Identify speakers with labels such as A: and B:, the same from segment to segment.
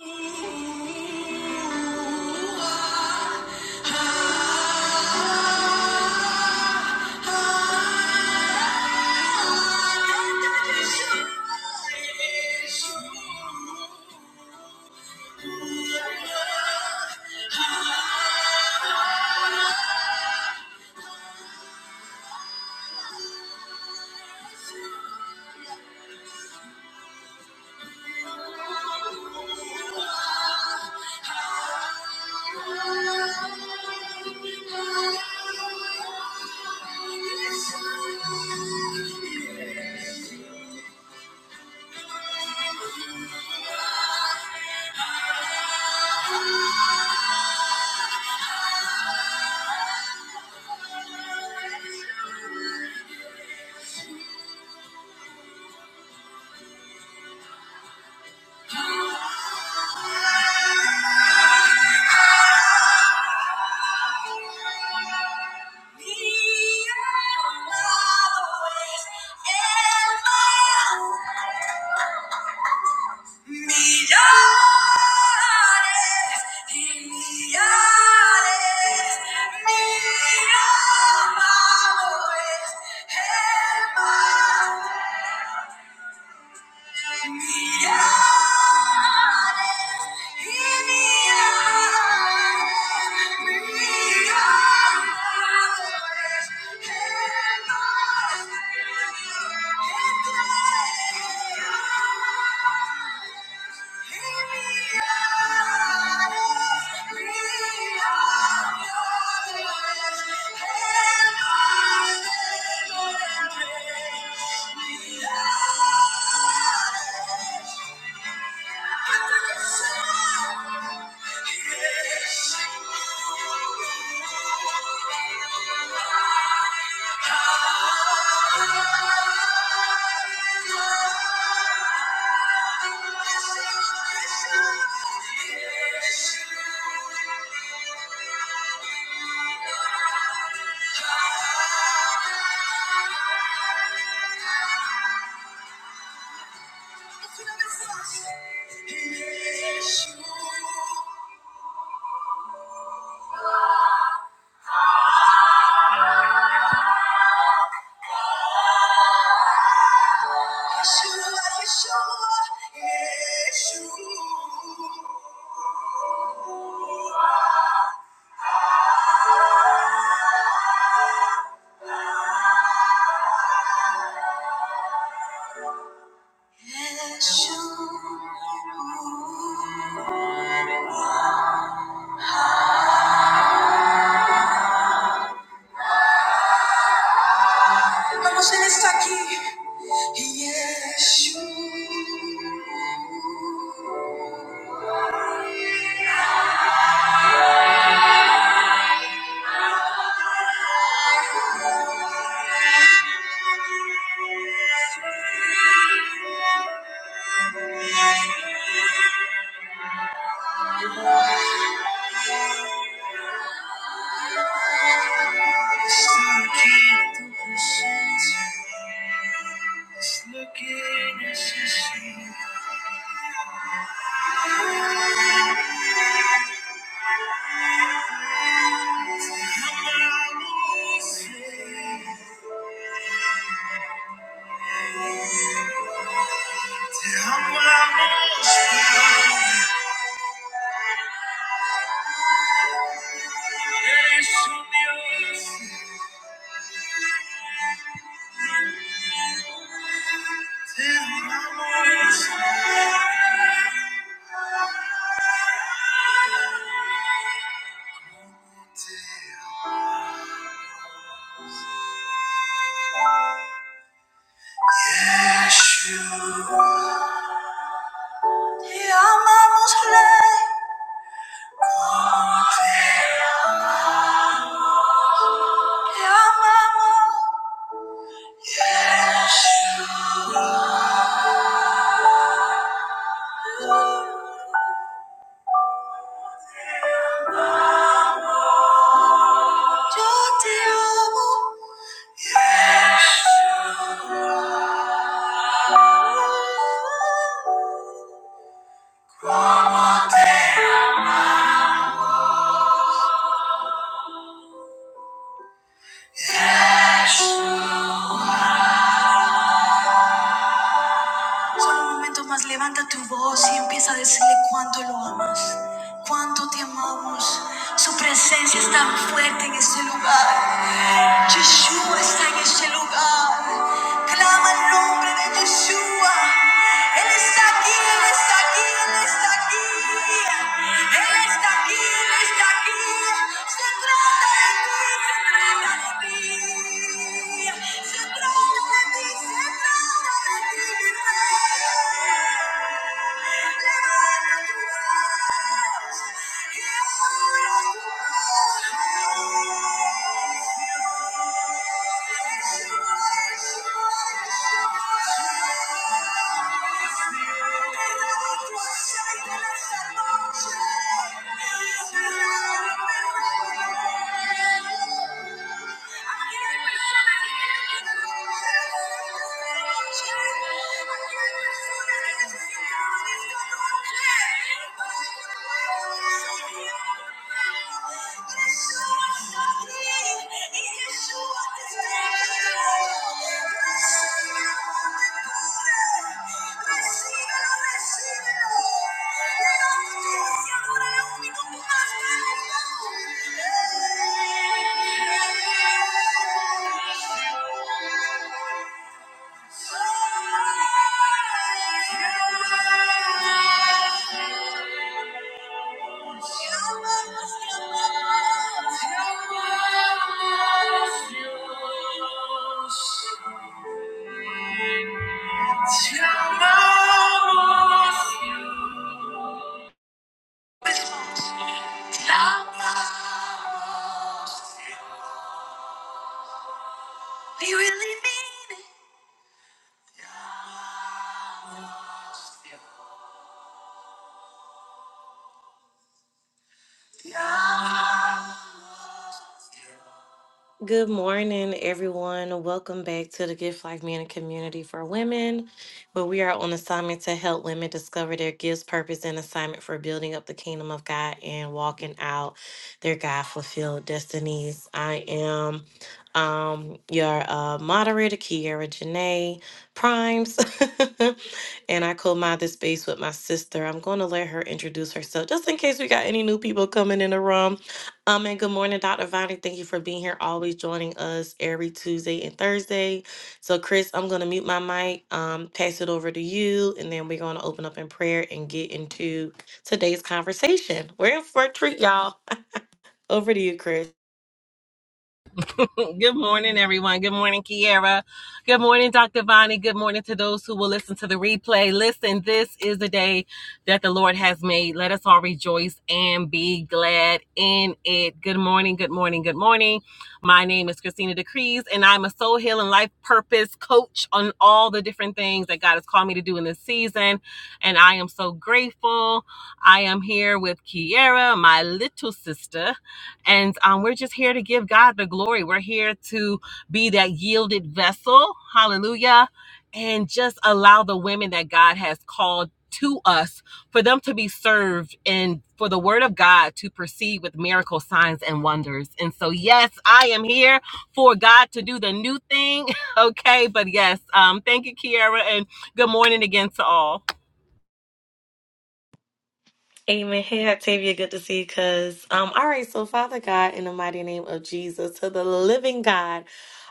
A: Thank you. Millones, y millones, millones en más. Yeah. Yes. Vamos ver isso aqui. Yeshua. Está aqui tu presente. Looking as you see, you're my most favorite. You're my most proud. Eres un Dios, te amamos. Yeshua, te amamos, Rey. Como te amamos, te amamos. Yes, you are. Yo te amo. Yes, you are. Solo un momento más, levanta tu voz y empieza a decirle cuánto lo amas, cuánto te amamos. Su presencia es tan fuerte en este lugar. Yeshua está en este lugar. Clama el nombre de Yeshua. Él está aquí, Él está aquí, Él está aquí. Él está aquí, Él está aquí. Se trata de ti, se trata de ti. Se trata de ti, se trata de ti, mi rey. Thank you. Yeshua, is Thank you. Yamaha. do You really mean it. Tomorrow. Good morning, everyone. Welcome back to the Gift Life Men and Community for Women, where we are on assignment to help women discover their gifts, purpose, and assignment for building up the kingdom of God and walking out their God fulfilled destinies. I am um, your uh, moderator, Kiara Janae Primes, and I co mod this space with my sister. I'm going to let her introduce herself just in case we got any new people coming in the room. Um, and good morning, Dr. Vani. Thank you for being here, always joining us every Tuesday and Thursday. So, Chris, I'm going to mute my mic, um, pass it over to you, and then we're going to open up in prayer and get into today's conversation. We're in for a treat, y'all. Over to you, Chris.
B: Good morning, everyone. Good morning, Kiara. Good morning, Dr. Vani. Good morning to those who will listen to the replay. Listen, this is the day that the Lord has made. Let us all rejoice and be glad in it. Good morning, good morning, good morning. My name is Christina Decrees, and I'm a soul healing life purpose coach on all the different things that God has called me to do in this season. And I am so grateful. I am here with Kiara, my little sister. And um, we're just here to give God the glory. We're here to be that yielded vessel. Hallelujah. And just allow the women that God has called to us for them to be served and for the word of God to proceed with miracle signs and wonders. And so, yes, I am here for God to do the new thing. Okay. But yes, um, thank you, Kiara. And good morning again to all.
A: Amen. Hey, Octavia, good to see you, cuz. Um, all right, so Father God, in the mighty name of Jesus, to the living God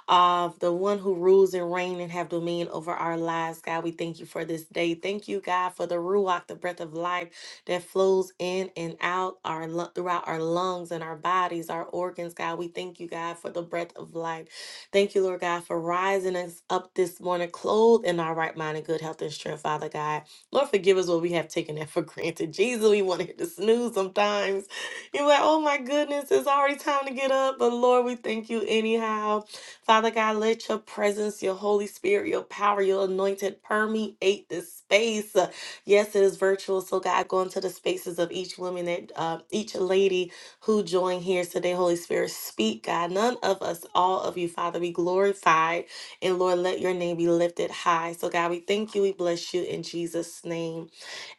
A: of the one who rules and reigns and have dominion over our lives, God, we thank you for this day. Thank you, God, for the ruach, the breath of life that flows in and out our lu- throughout our lungs and our bodies, our organs, God. We thank you, God, for the breath of life. Thank you, Lord God, for rising us up this morning, clothed in our right mind and good health and strength, Father God. Lord, forgive us what we have taken that for granted. Jesus, we want to hit the snooze sometimes. You're like, oh my goodness, it's already time to get up. But Lord, we thank you anyhow. Father God, let your presence, your Holy Spirit, your power, your anointed permeate this space. Uh, Yes, it is virtual. So God, go into the spaces of each woman that uh, each lady who joined here today. Holy Spirit, speak, God. None of us, all of you, Father, be glorified and Lord, let your name be lifted high. So, God, we thank you. We bless you in Jesus' name.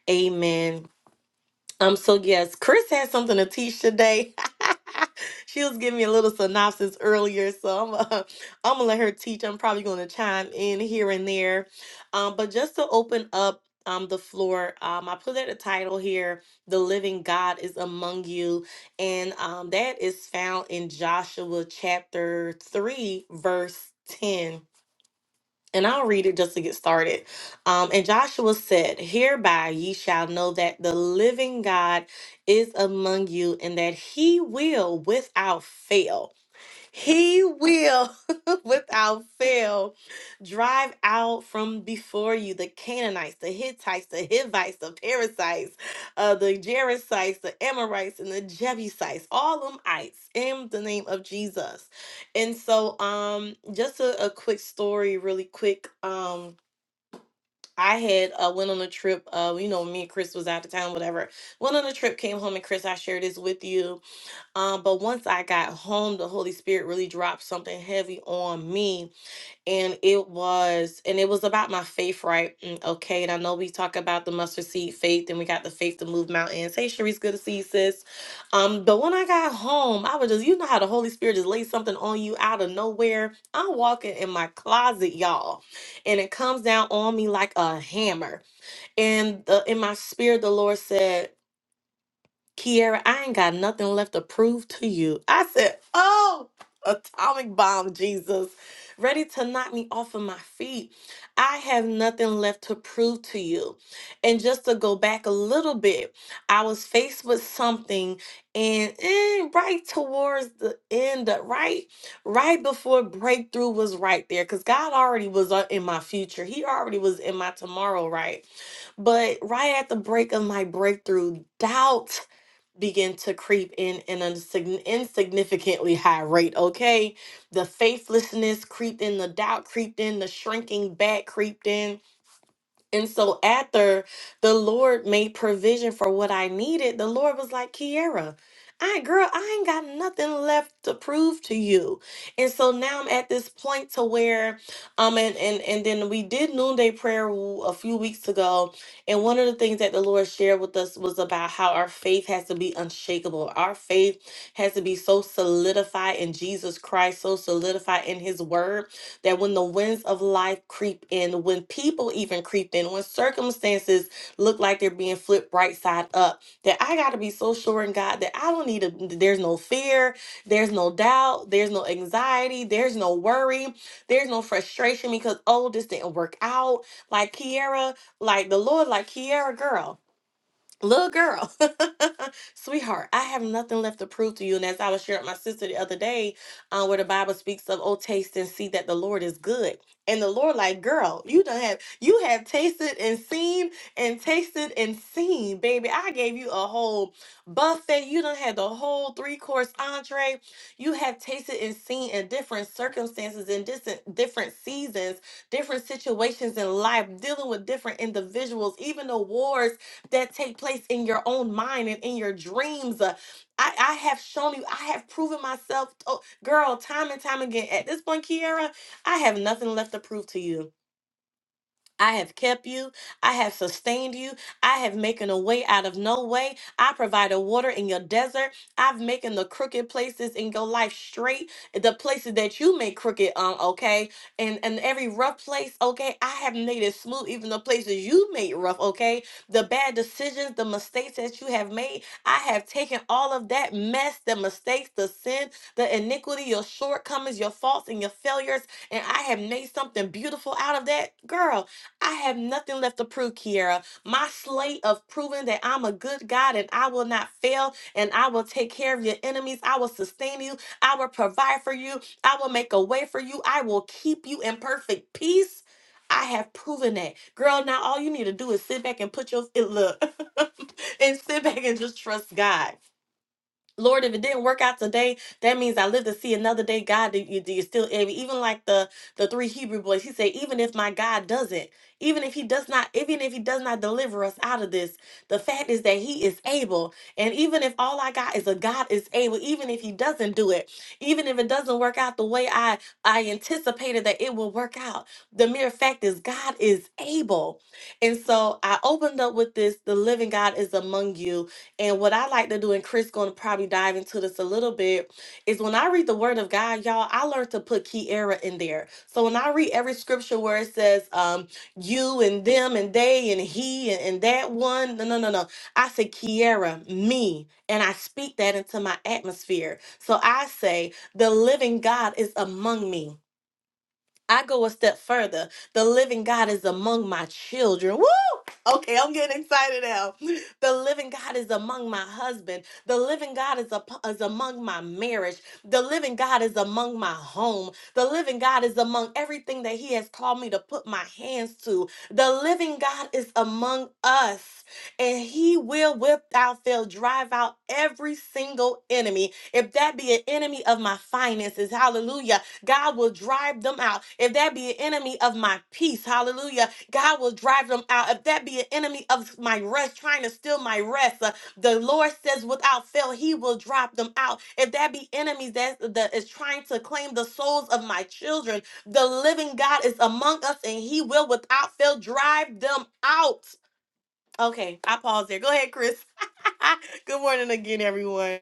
A: Amen. Um, so yes, Chris had something to teach today. She was giving me a little synopsis earlier, so I'm uh, I'm gonna let her teach. I'm probably gonna chime in here and there, um, but just to open up um the floor, um, I put at a title here: "The Living God is Among You," and um, that is found in Joshua chapter three, verse ten and I'll read it just to get started. Um, and Joshua said, Hereby ye shall know that the living God is among you, and that he will without fail he will, without fail, drive out from before you the Canaanites, the Hittites, the Hivites, the Perizzites, uh, the Jerusites, the Amorites, and the Jebusites, all them ites in the name of Jesus. And so, um, just a, a quick story, really quick. Um, I had uh, went on a trip. Uh, you know, me and Chris was out of town, whatever. Went on a trip, came home, and Chris, I shared this with you um, but once I got home, the Holy Spirit really dropped something heavy on me. And it was, and it was about my faith, right? Mm, okay. And I know we talk about the mustard seed faith and we got the faith to move mountains. Hey, Sharice, good to see you, sis. Um, but when I got home, I was just, you know how the Holy Spirit just lays something on you out of nowhere. I'm walking in my closet, y'all, and it comes down on me like a hammer. And the, in my spirit, the Lord said, Kiara, I ain't got nothing left to prove to you. I said, Oh, atomic bomb, Jesus, ready to knock me off of my feet. I have nothing left to prove to you. And just to go back a little bit, I was faced with something, and eh, right towards the end, uh, right, right before breakthrough was right there, because God already was uh, in my future, He already was in my tomorrow, right? But right at the break of my breakthrough, doubt begin to creep in in an insignificantly high rate okay the faithlessness creeped in the doubt creeped in the shrinking back creeped in and so after the Lord made provision for what I needed, the Lord was like, Kiara, I girl, I ain't got nothing left to prove to you. And so now I'm at this point to where um and and, and then we did noonday prayer w- a few weeks ago, and one of the things that the Lord shared with us was about how our faith has to be unshakable. Our faith has to be so solidified in Jesus Christ, so solidified in his word that when the winds of life creep in, when people even creep in, when circumstances look like they're being flipped right side up, that I got to be so sure in God that I don't need to, there's no fear, there's no doubt, there's no anxiety, there's no worry, there's no frustration because, oh, this didn't work out. Like Kiara, like the Lord, like Kiara, girl. Little girl, sweetheart, I have nothing left to prove to you. And as I was sharing with my sister the other day, uh, where the Bible speaks of, "Oh, taste and see that the Lord is good," and the Lord, like, girl, you don't have you have tasted and seen and tasted and seen, baby. I gave you a whole buffet. You don't have the whole three course entree. You have tasted and seen in different circumstances, in different different seasons, different situations in life, dealing with different individuals, even the wars that take place in your own mind and in your dreams. Uh, I, I have shown you, I have proven myself, oh, girl, time and time again. At this point, Kiara, I have nothing left to prove to you I have kept you. I have sustained you. I have making a way out of no way. I provide a water in your desert. I've making the crooked places in your life straight. The places that you make crooked, um, okay, and and every rough place, okay, I have made it smooth. Even the places you made rough, okay, the bad decisions, the mistakes that you have made, I have taken all of that mess, the mistakes, the sin, the iniquity, your shortcomings, your faults, and your failures, and I have made something beautiful out of that, girl. I have nothing left to prove, Kiara. My slate of proving that I'm a good God and I will not fail and I will take care of your enemies. I will sustain you. I will provide for you. I will make a way for you. I will keep you in perfect peace. I have proven that. Girl, now all you need to do is sit back and put your it look and sit back and just trust God. Lord, if it didn't work out today, that means I live to see another day. God, do you, do you still and even like the the three Hebrew boys? He said, even if my God doesn't, even if he does not, even if he does not deliver us out of this, the fact is that he is able. And even if all I got is a God is able, even if he doesn't do it, even if it doesn't work out the way I I anticipated that it will work out, the mere fact is God is able. And so I opened up with this: the living God is among you and what I like to do, and Chris gonna probably dive into this a little bit, is when I read the word of God, y'all, I learned to put key era in there. So when I read every scripture where it says um you and them and they and he and, and that one, no, no, no, no. I say key era, me, and I speak that into my atmosphere. So I say, the living God is among me. I go a step further. The living God is among my children. Woo! Okay, I'm getting excited now. The living God is among my husband. The living God is, up, is among my marriage. The living God is among my home. The living God is among everything that He has called me to put my hands to. The living God is among us, and He will without fail drive out every single enemy. If that be an enemy of my finances, hallelujah God will drive them out. If that be an enemy of my peace, hallelujah, God will drive them out. If that be an enemy of my rest, trying to steal my rest, uh, the Lord says without fail, He will drive them out. If that be enemies that, that is trying to claim the souls of my children, the living God is among us and He will without fail drive them out. Okay, I pause there. Go ahead, Chris. Good morning again, everyone.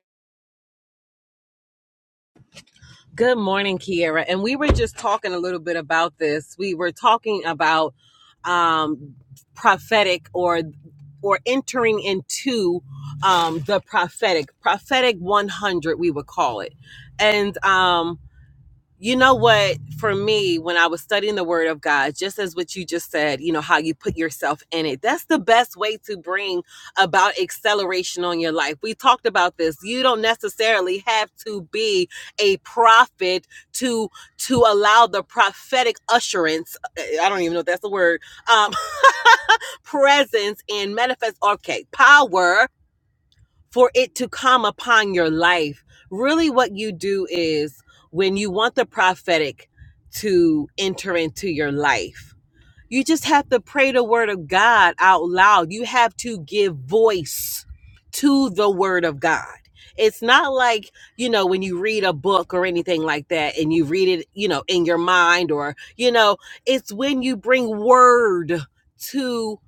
B: Good morning, Kiara. And we were just talking a little bit about this. We were talking about um, prophetic or or entering into um, the prophetic, prophetic 100, we would call it. And um, you know what for me when i was studying the word of god just as what you just said you know how you put yourself in it that's the best way to bring about acceleration on your life we talked about this you don't necessarily have to be a prophet to to allow the prophetic usherance i don't even know if that's the word um presence and manifest okay power for it to come upon your life. Really, what you do is when you want the prophetic to enter into your life you just have to pray the word of God out loud. You have to give voice to the word of God. It's not like, you know, when you read a book or anything like that and you read it, you know, in your mind or, you know, it's when you bring word to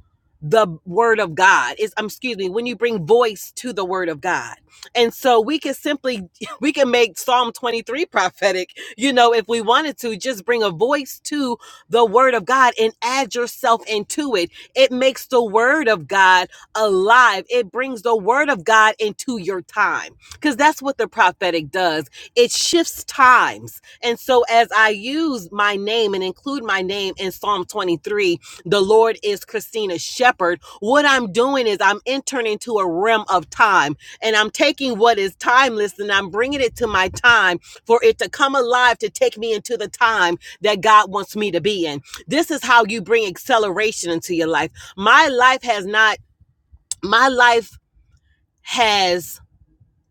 B: the word of God. It's um, excuse me, when you bring voice to the word of God. And so we can simply we can make Psalm 23 prophetic, you know, if we wanted to, just bring a voice to the word of God and add yourself into it. It makes the word of God alive. It brings the word of God into your time because that's what the prophetic does. It shifts times. And so as I use my name and include my name in Psalm 23, the Lord is Christina Shepherd, what I'm doing is I'm entering into a realm of time and I'm taking what is timeless and I'm bringing it to my time for it to come alive to take me into the time that God wants me to be in. This is how you bring acceleration into your life. My life has not, my life has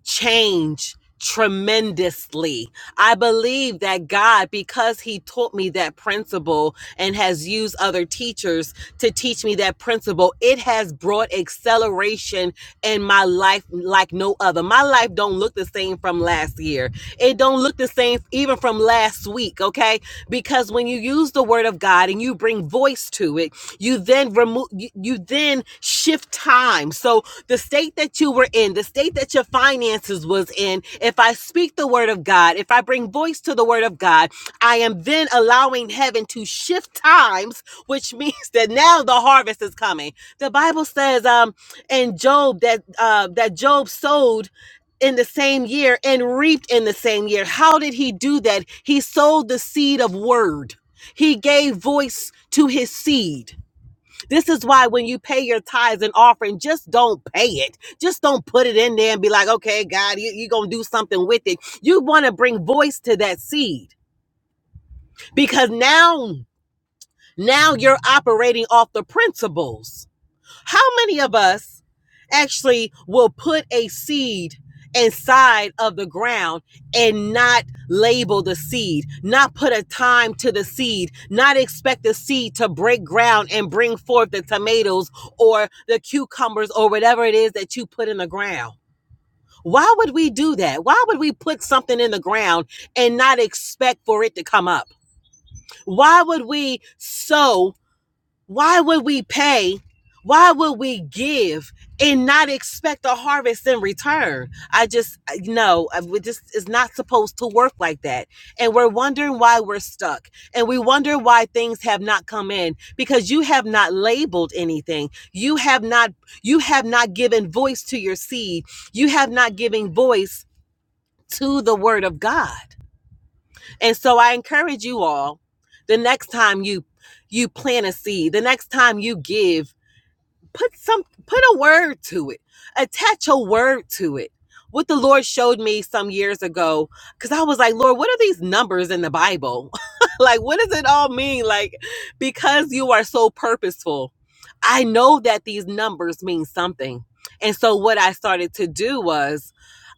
B: change tremendously. I believe that God, because He taught me that principle and has used other teachers to teach me that principle, it has brought acceleration in my life like no other. My life don't look the same from last year. It don't look the same even from last week, okay? Because when you use the word of God and you bring voice to it, you then remove you, you then shift time. So the state that you were in, the state that your finances was in, if I speak the word of God, if I bring voice to the word of God, I am then allowing heaven to shift times, which means that now the harvest is coming. The Bible says um in Job that uh that Job sowed in the same year and reaped in the same year. How did he do that? He sowed the seed of word. He gave voice to his seed. This is why when you pay your tithes and offering, just don't pay it. Just don't put it in there and be like, okay, God, you, you're going to do something with it. You want to bring voice to that seed because now, now you're operating off the principles how many of us actually will put a seed inside of the ground and not label the seed, not put a time to the seed, not expect the seed to break ground and bring forth the tomatoes or the cucumbers or whatever it is that you put in the ground? Why would we do that? Why would we put something in the ground and not expect for it to come up? Why would we sow why would we pay? Why would we give and not expect a harvest in return? I just no, I- we just it's not supposed to work like that. And we're wondering why we're stuck, and we wonder why things have not come in because you have not labeled anything. You have not you have not given voice to your seed. You have not given voice to the word of God. And so I encourage you all the next time you you plant a seed, the next time you give put some put a word to it attach a word to it what the lord showed me some years ago because i was like lord what are these numbers in the bible like what does it all mean like because you are so purposeful i know that these numbers mean something and so what i started to do was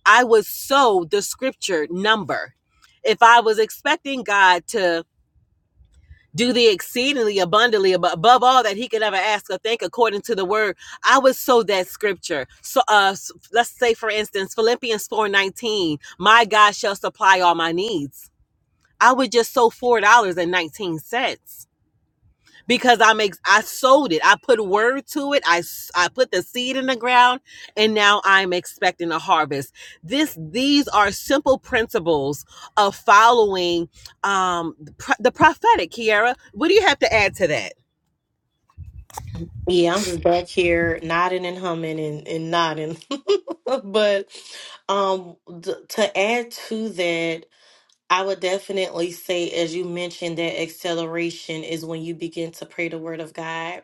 B: i would sow the scripture number if i was expecting god to do the exceedingly abundantly abo- above all that he could ever ask or think according to the word i would sow that scripture so uh let's say for instance philippians 4 19: my god shall supply all my needs i would just sow four dollars and 19 cents because I make I sowed it. I put word to it. I s- I put the seed in the ground and now I'm expecting a harvest. This these are simple principles of following um the, pro- the prophetic, Kiara. What do you have to add to that?
A: Yeah, I'm just back here nodding and humming and, and nodding. But um th- to add to that, I would definitely say, as you mentioned, that acceleration is when you begin to pray the word of God.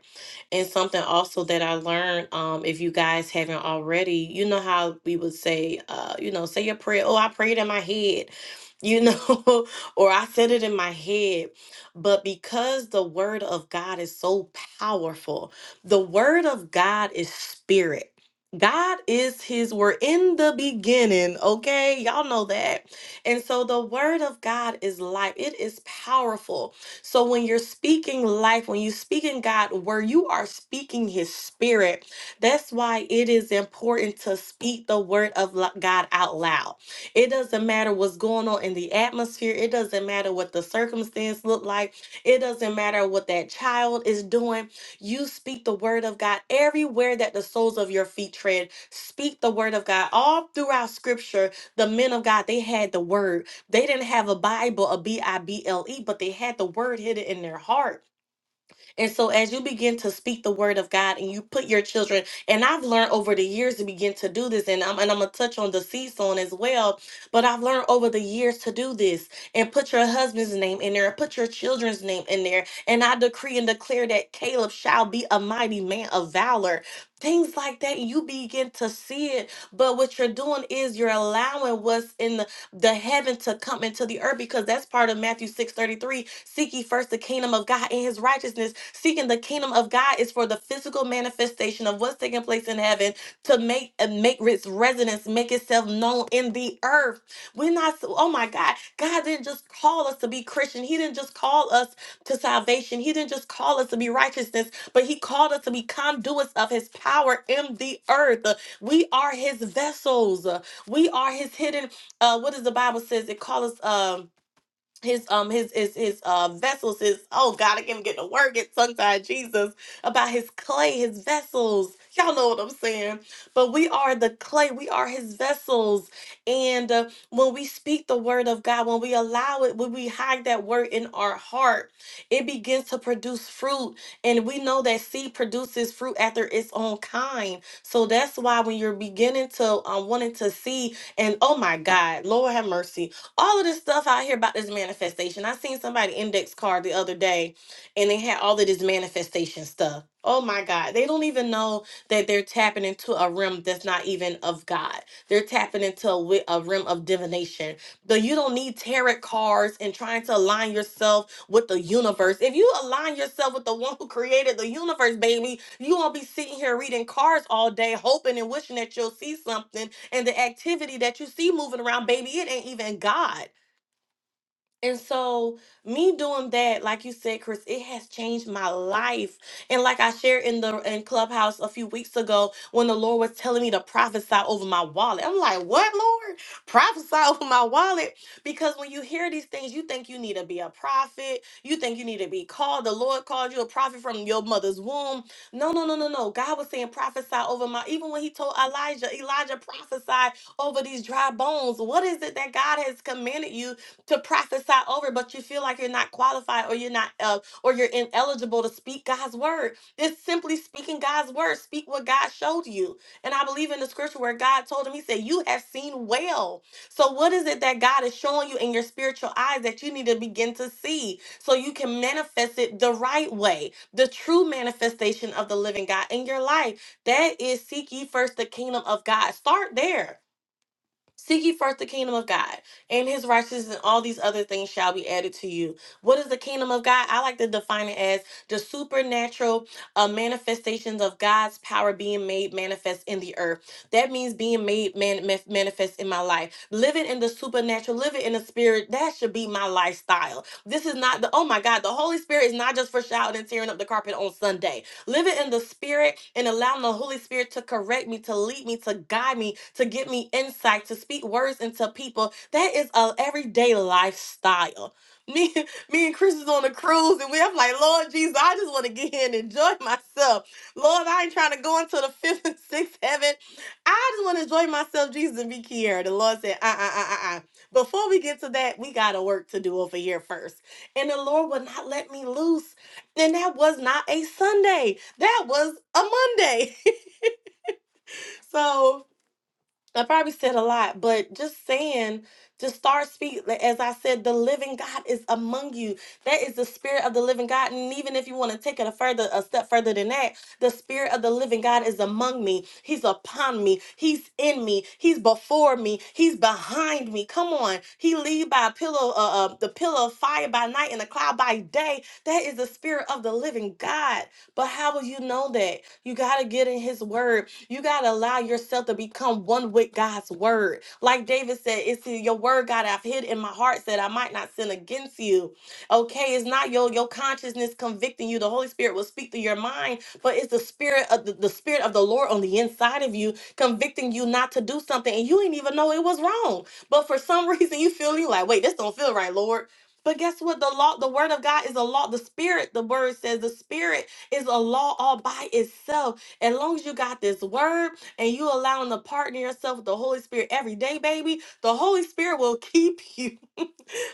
A: And something also that I learned, um, if you guys haven't already, you know how we would say, uh, you know, say your prayer. Oh, I prayed in my head, you know, or I said it in my head. But because the word of God is so powerful, the word of God is spirit. God is his word in the beginning, okay? Y'all know that. And so the word of God is life. It is powerful. So when you're speaking life, when you speak in God, where you are speaking his spirit, that's why it is important to speak the word of lo- God out loud. It doesn't matter what's going on in the atmosphere. It doesn't matter what the circumstance look like. It doesn't matter what that child is doing. You speak the word of God everywhere that the soles of your feet tread. Speak the word of God all throughout scripture the men of God, they had the word. They didn't have a Bible, a B I B L E, but they had the word hidden in their heart. And so as you begin to speak the word of God and you put your children, and I've learned over the years to begin to do this, and I'm and I'm gonna touch on the seesaw as well, but I've learned over the years to do this and put your husband's name in there, put your children's name in there, and I decree and declare that Caleb shall be a mighty man of valor. Things like that, you begin to see it. But what you're doing is you're allowing what's in the the heaven to come into the earth because that's part of Matthew 6:33. Seek ye first the kingdom of God and his righteousness. Seeking the kingdom of God is for the physical manifestation of what's taking place in heaven to make and make its resonance, make itself known in the earth. We're not so- oh my God, God didn't just call us to be Christian. He didn't just call us to salvation. He didn't just call us to be righteousness, but he called us to be conduits of his power in the earth. Uh, We are his vessels. Uh, We are his hidden uh what does the Bible says? It calls us um his um his his his uh vessels his oh god I can't even get the word get tongue tied Jesus about his clay his vessels y'all know what I'm saying but we are the clay we are his vessels and uh, when we speak the word of God when we allow it when we hide that word in our heart it begins to produce fruit and we know that seed produces fruit after its own kind so that's why when you're beginning to um wanting to see and oh my God Lord have mercy all of this stuff out here about this manifestation. I seen somebody index card the other day and they had all of this manifestation stuff. Oh my God. They don't even know that they're tapping into a realm that's not even of God. They're tapping into a, wi- a realm of divination. But you don't need tarot cards and trying to align yourself with the universe. If you align yourself with the one who created the universe, baby, you won't be sitting here reading cards all day, hoping and wishing that you'll see something. And the activity that you see moving around, baby, it ain't even God. And so, me doing that, like you said, Chris, it has changed my life. And like I shared in the in Clubhouse a few weeks ago, when the Lord was telling me to prophesy over my wallet, I'm like, "What, Lord? Prophesy over my wallet?" Because when you hear these things, you think you need to be a prophet. You think you need to be called. The Lord called you a prophet from your mother's womb. No, no, no, no, no. God was saying prophesy over my. Even when He told Elijah, Elijah prophesied over these dry bones. What is it that God has commanded you? to prophesy over, but you feel like you're not qualified or you're not uh, or you're ineligible to speak God's word. It's simply speaking God's word. Speak what God showed you. And I believe in the scripture where God told him, He said, You have seen well. So what is it that God is showing you in your spiritual eyes that you need to begin to see so you can manifest it the right way, the true manifestation of the living God in your life? That is seek ye first the kingdom of God. Start there Seek ye first the kingdom of God and his righteousness, and all these other things shall be added to you. What is the kingdom of God? I like to define it as the supernatural uh, manifestations of God's power being made manifest in the earth. That means being made man- maf- manifest in my life. Living in the supernatural, living in the spirit, that should be my lifestyle. This is not the, oh my God, the Holy Spirit is not just for shouting and tearing up the carpet on Sunday living in the spirit and allowing the Holy Spirit to correct me, to lead me, to guide me, to give me insight, to speak words into people. That is a everyday lifestyle. Me, me and Chris is on a cruise, and we I'm like, Lord Jesus, I just want to get here and enjoy myself. Lord, I ain't trying to go into the fifth and sixth heaven. I just want to enjoy myself, Jesus, and be here. The Lord said, uh uh uh uh. uh. Before we get to that, we got to work to do over here first. And the Lord will not let me loose. And that was not a Sunday. That was a Monday. so I probably said a lot, but just saying, just start speaking. As I said, the living God is among you. That is the spirit of the living God. And even if you want to take it a further, a step further than that, the spirit of the living God is among me. He's upon me. He's in me. He's before me. He's behind me. Come on. He lead by a pillow, uh, uh, the pillar of fire by night and a cloud by day. That is the spirit of the living God. But how will you know that? You got to get in his word. You got to allow yourself to become one with God's word. Like David said, it's in your word, God, I've hid in my heart that I might not sin against you. Okay, it's not your, your consciousness convicting you. The Holy Spirit will speak through your mind, but it's the spirit of the, the spirit of the Lord on the inside of you convicting you not to do something and you didn't even know it was wrong. But for some reason you feel you like, wait, this don't feel right, Lord. But guess what? The law, the word of God is a law. The spirit, the word says the spirit it's a law all by itself. As long as you got this word and you allowing to partner yourself with the Holy Spirit every day, baby, the Holy Spirit will keep you.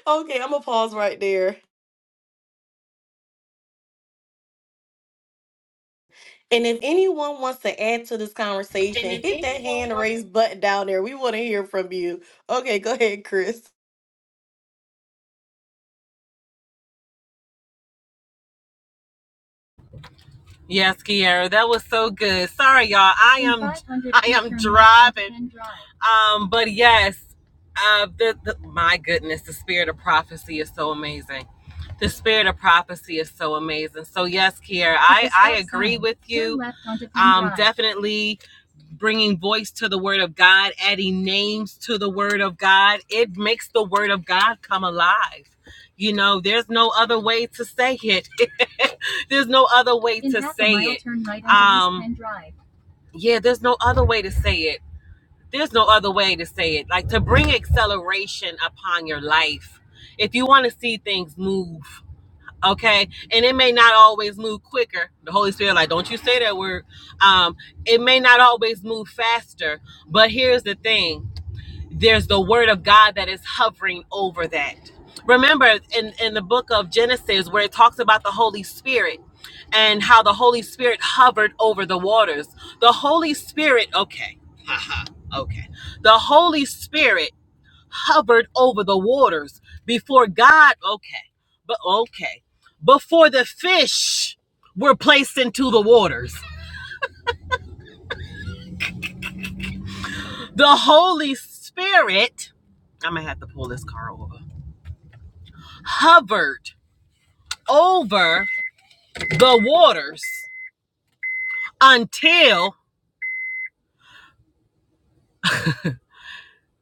A: Okay, I'm gonna pause right there. And if anyone wants to add to this conversation, hit that hand raise button down there. We want to hear from you. Okay, go ahead, Chris.
B: Yes, Kiara, that was so good. Sorry, y'all. I am I am driving. Um, but yes, uh, the, the my goodness, the spirit of prophecy is so amazing. The spirit of prophecy is so amazing. So yes, Kiara, I I agree with you. Um, definitely bringing voice to the word of God, adding names to the word of God. It makes the word of God come alive. You know, there's no other way to say it. There's no other way In to say mile, it. turn right onto East Um, Penn Drive. yeah, there's no other way to say it. There's no other way to say it. Like to bring acceleration upon your life. If you want to see things move, okay, and it may not always move quicker. The Holy Spirit, like, don't you say that word. Um, it may not always move faster, but here's the thing there's the word of God that is hovering over that. Remember in, in the book of Genesis where it talks about the Holy Spirit and how the Holy Spirit hovered over the waters. The Holy Spirit, okay, okay. The Holy Spirit hovered over the waters before God, okay, but okay, before the fish were placed into the waters. The Holy Spirit, I'm gonna have to pull this car over, hovered over the waters until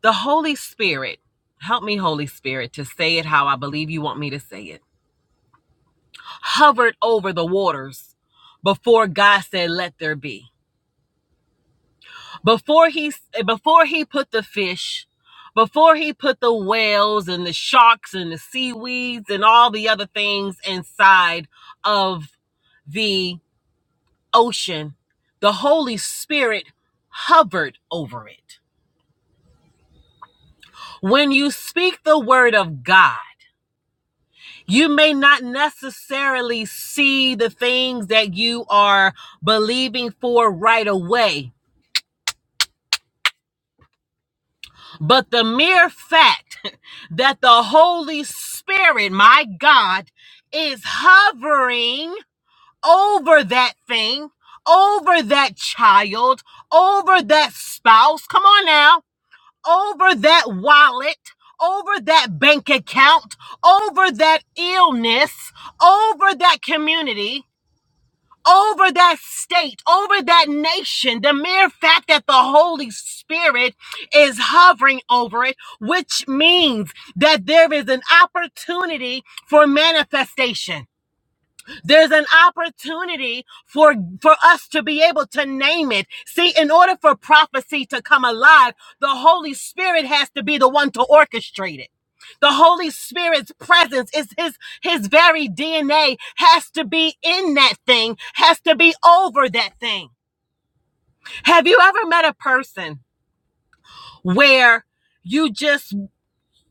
B: the Holy Spirit, help me, Holy Spirit, to say it how I believe you want me to say it, hovered over the waters before God said, let there be. Before he, before he put the fish, before he put the whales and the sharks and the seaweeds and all the other things inside of the ocean, the Holy Spirit hovered over it. When you speak the word of God, you may not necessarily see the things that you are believing for right away, but the mere fact that the Holy Spirit, my God, is hovering over that thing, over that child, over that spouse, come on now, over that wallet. Over that bank account, over that illness, over that community, over that state, over that nation, the mere fact that the Holy Spirit is hovering over it, which means that there is an opportunity for manifestation. There's an opportunity for, for us to be able to name it. See, in order for prophecy to come alive, the Holy Spirit has to be the one to orchestrate it. The Holy Spirit's presence is his his very DNA has to be in that thing, has to be over that thing. Have you ever met a person where you just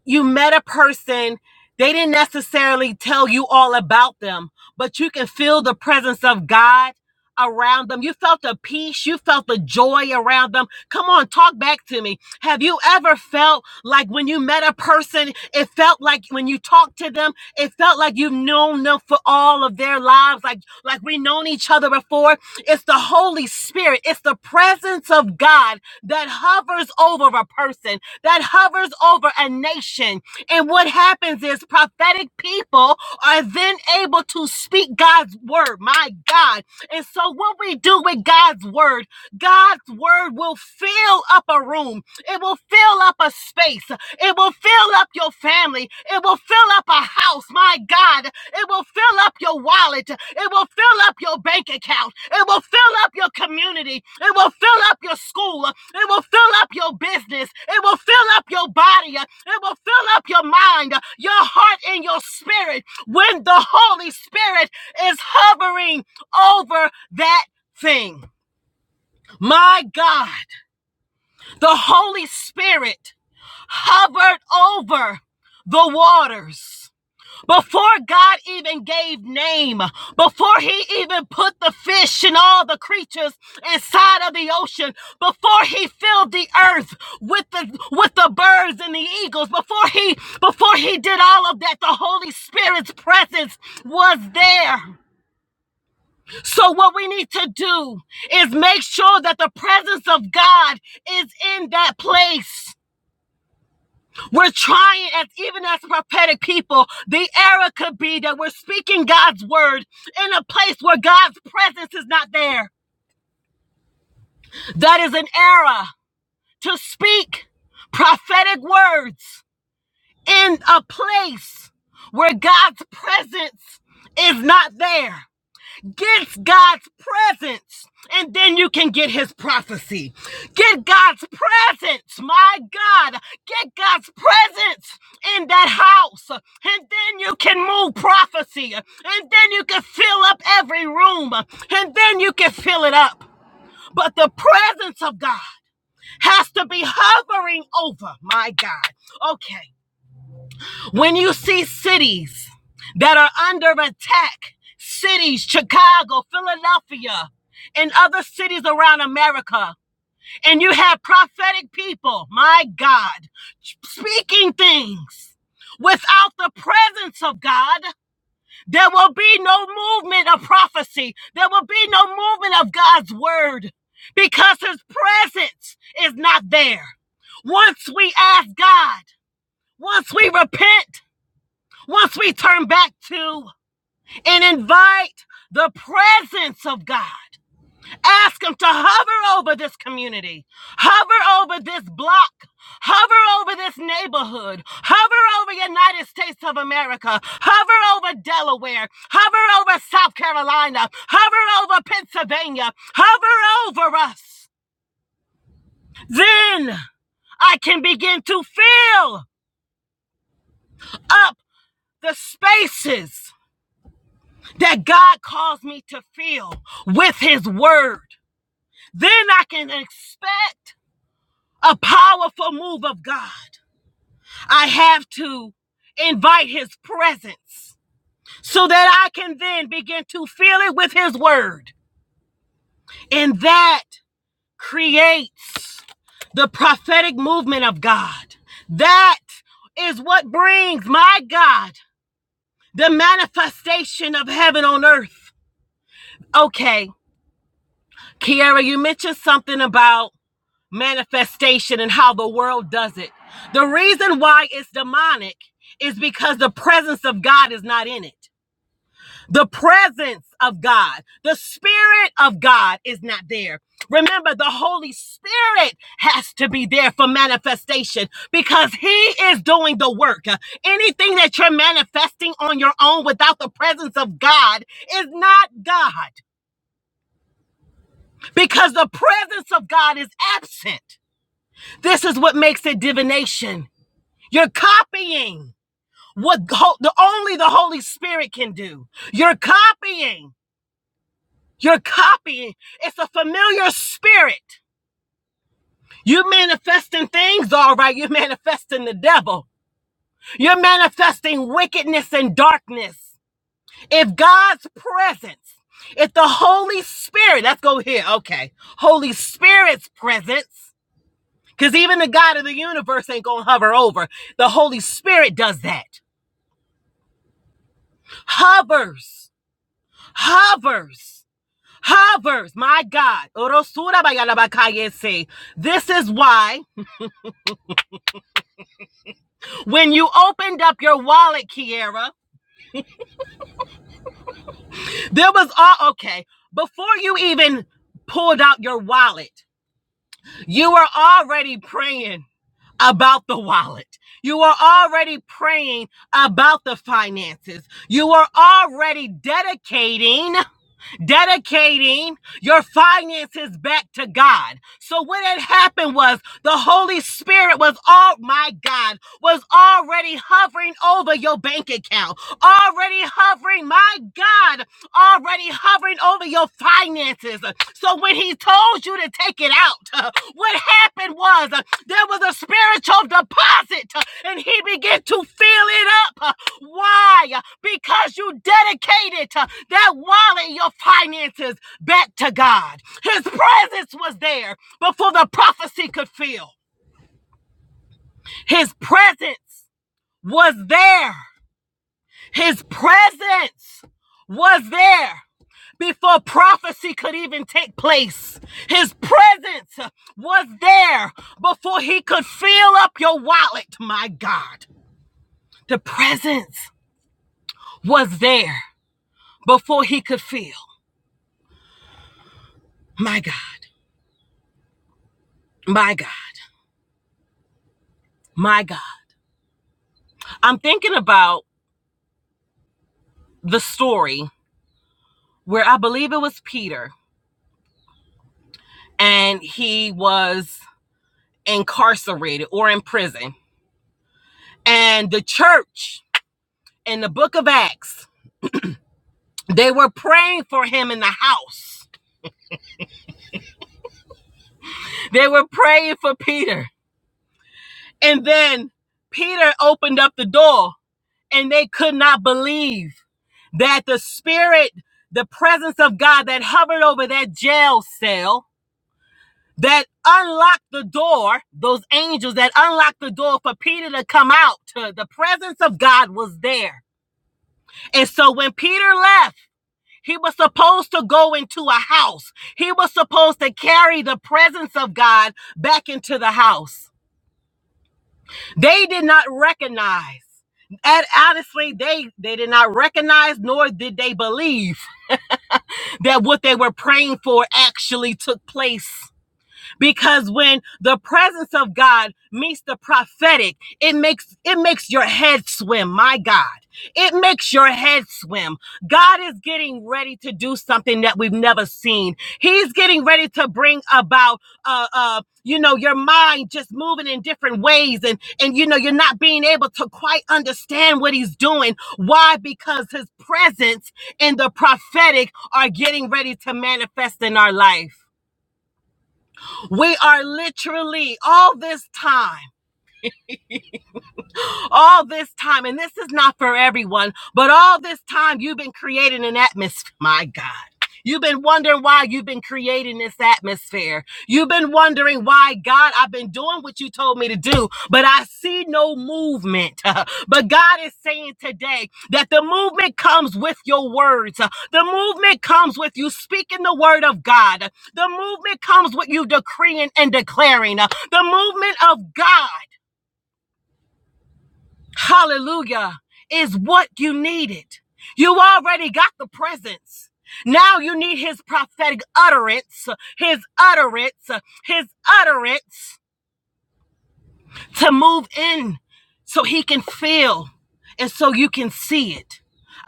B: you met a person they didn't necessarily tell you all about them but you can feel the presence of god around them you felt the peace you felt the joy around them come on talk back to me have you ever felt like when you met a person it felt like when you talked to them it felt like you've known them for all of their lives like like we have known each other before it's the holy spirit it's the presence of god that hovers over a person that hovers over a nation. And what happens is prophetic people are then able to speak God's word. My God. And so what we do with God's word, God's word will fill up a room. It will fill up a space. It will fill up your family. It will fill up a house. My God. It will fill up your wallet. It will fill up your bank account. It will fill up your community. It will fill up your school. It will fill up your business. It will fill up your body. It will fill up your mind, your heart, and your spirit when the Holy Spirit is hovering over that thing. My God, the Holy Spirit hovered over the waters before God even gave name, before he even put the fish and all the creatures inside of the ocean, before he filled the earth with the with the birds and the eagles, before he before he did all of that, the Holy Spirit's presence was there. So what we need to do is make sure that the presence of God is in that place. We're trying as even as prophetic people, the error could be that we're speaking God's word in a place where God's presence is not there. That is an error to speak prophetic words in a place where God's presence is not there. Gets God's presence, and then you can get his prophecy. Get God's presence, my God. Get God's presence in that house, and then you can move prophecy, and then you can fill up every room, and then you can fill it up. But the presence of God has to be hovering over, my God. Okay. When you see cities that are under attack, cities, Chicago, Philadelphia, and other cities around America, and you have prophetic people, my God, speaking things. Without the presence of God, there will be no movement of prophecy. There will be no movement of God's word because his presence is not there. Once we ask God, once we repent, once we turn back to and invite the presence of God. Ask Him to hover over this community, hover over this block, hover over this neighborhood, hover over United States of America, hover over Delaware, hover over South Carolina, hover over Pennsylvania, hover over us. Then I can begin to fill up the spaces that God calls me to fill with His Word. Then I can expect a powerful move of God. I have to invite His presence so that I can then begin to fill it with His Word. And that creates the prophetic movement of God. That is what brings my God the manifestation of heaven on earth. Okay, Kiara, you mentioned something about manifestation and how the world does it. The reason why it's demonic is because the presence of God is not in it. The presence of God, the Spirit of God is not there. Remember, the Holy Spirit has to be there for manifestation because He is doing the work. Anything that you're manifesting on your own without the presence of God is not God because the presence of God is absent. This is what makes it divination. You're copying what ho- the only the Holy Spirit can do. You're copying. You're copying. It's a familiar spirit. You manifesting things, all right. You're manifesting the devil. You're manifesting wickedness and darkness. If God's presence, if the Holy Spirit, let's go here, okay. Holy Spirit's presence, because even the God of the universe ain't gonna hover over. The Holy Spirit does that. Hovers. hovers, hovers. My God. This is why when you opened up your wallet, Kiara, there was all okay. Before you even pulled out your wallet, you were already praying about the wallet. You are already praying about the finances. You are already dedicating. dedicating your finances back to God. So what had happened was the Holy Spirit was oh my God was already hovering over your bank account, already hovering, my God, already hovering over your finances. So when he told you to take it out, what happened was uh, there was a spiritual deposit uh, and he began to fill it up. Uh, Why? Uh, Because you dedicated uh, that wallet, your finances, back to God. His presence was there before the prophecy could fill. His presence was there. His presence was there Before prophecy could even take place, his presence was there before he could fill up your wallet. My God, the presence was there before he could feel. My God, my God, my God. I'm thinking about the story where I believe it was Peter and he was incarcerated or in prison. And the church in the book of Acts, they were praying for him in the house. They were praying for Peter. And then Peter opened up the door and they could not believe that the spirit, the presence of God that hovered over that jail cell, that unlocked the door, those angels that unlocked the door for Peter to come out, the presence of God was there. And so when Peter left, he was supposed to go into a house. He was supposed to carry the presence of God back into the house. They did not recognize. And honestly, they, they did not recognize nor did they believe that what they were praying for actually took place because when the presence of God meets the prophetic, it makes it makes your head swim, my God. It makes your head swim. God is getting ready to do something that we've never seen. He's getting ready to bring about uh uh you know your mind just moving in different ways and and you know you're not being able to quite understand what he's doing. Why? Because his presence and the prophetic are getting ready to manifest in our life. We are literally all this time all this time, and this is not for everyone, but all this time you've been creating an atmosphere. My God. You've been wondering why you've been creating this atmosphere. You've been wondering why, God, I've been doing what you told me to do, but I see no movement. but God is saying today that the movement comes with your words. The movement comes with you speaking the word of God. The movement comes with you decreeing and declaring. The movement of God. Hallelujah is what you needed. You already got the presence. Now you need his prophetic utterance, his utterance, his utterance to move in so he can feel and so you can see it.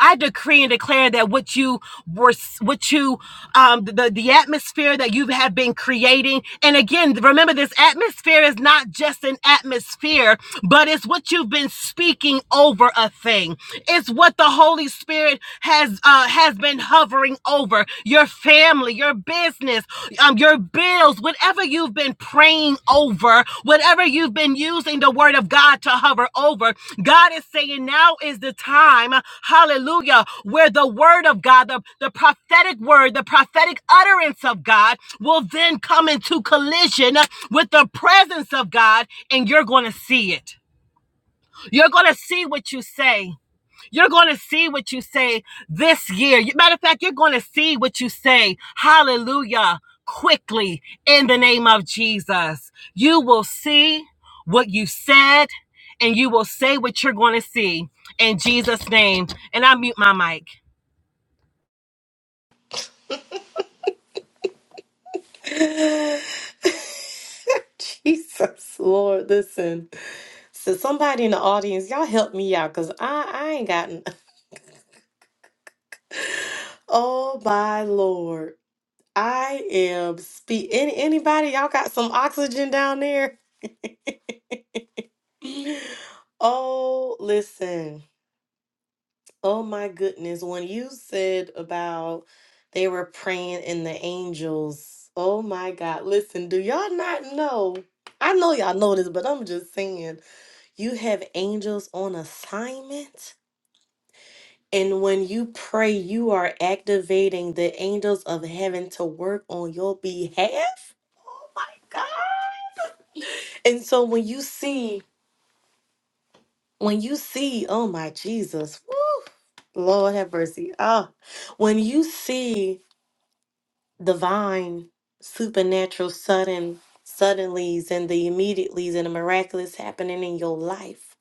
B: I decree and declare that what you were, what you, um, the, the atmosphere that you have been creating. And again, remember this atmosphere is not just an atmosphere, but it's what you've been speaking over a thing. It's what the Holy Spirit has, uh, has been hovering over your family, your business, um, your bills, whatever you've been praying over, whatever you've been using the word of God to hover over, God is saying now is the time, hallelujah, where the word of God, the, the prophetic word, the prophetic utterance of God will then come into collision with the presence of God, and you're going to see it. You're going to see what you say. You're going to see what you say this year. Matter of fact, you're going to see what you say. Hallelujah. Quickly in the name of Jesus. You will see what you said and you will say what you're going to see in Jesus' name. And I mute my mic.
A: Jesus, Lord, listen. So somebody in the audience, y'all help me out, cause I I ain't gotten. Oh my Lord. I am speak any anybody y'all got some oxygen down there? Oh, listen. Oh my goodness, when you said about they were praying and the angels. Oh my God. Listen, do y'all not know? I know y'all know this, but I'm just saying, you have angels on assignment. And when you pray, you are activating the angels of heaven to work on your behalf. Oh my God. And so when you see when you see, oh my Jesus, woo, Lord have mercy. Ah, when you see divine, supernatural, sudden, suddenlies and the immediatelys and the miraculous happening in your life,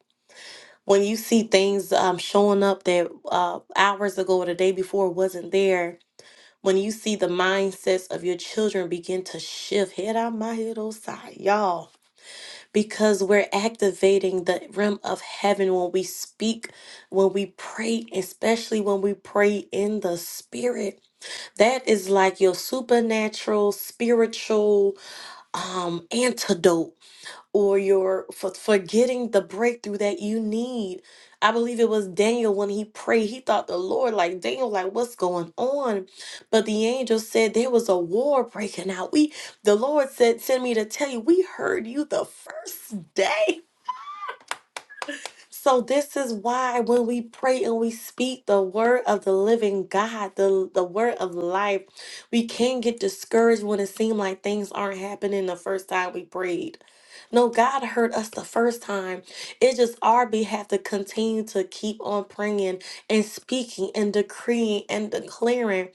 A: when you see things um, showing up that uh, hours ago or the day before wasn't there, when you see the mindsets of your children begin to shift, head out my head, oh, side, y'all because we're activating the realm of heaven when we speak, when we pray, especially when we pray in the spirit. That is like your supernatural, spiritual um antidote or you're for, forgetting the breakthrough that you need. I believe it was Daniel when he prayed, he thought the Lord, like, Daniel, like, what's going on? But the angel said there was a war breaking out. We, the Lord said, send me to tell you, we heard you the first day. So this is why when we pray and we speak the word of the living God, the, the word of life, we can get discouraged when it seems like things aren't happening the first time we prayed. No, God heard us the first time. It's just our behalf to continue to keep on praying and speaking and decreeing and declaring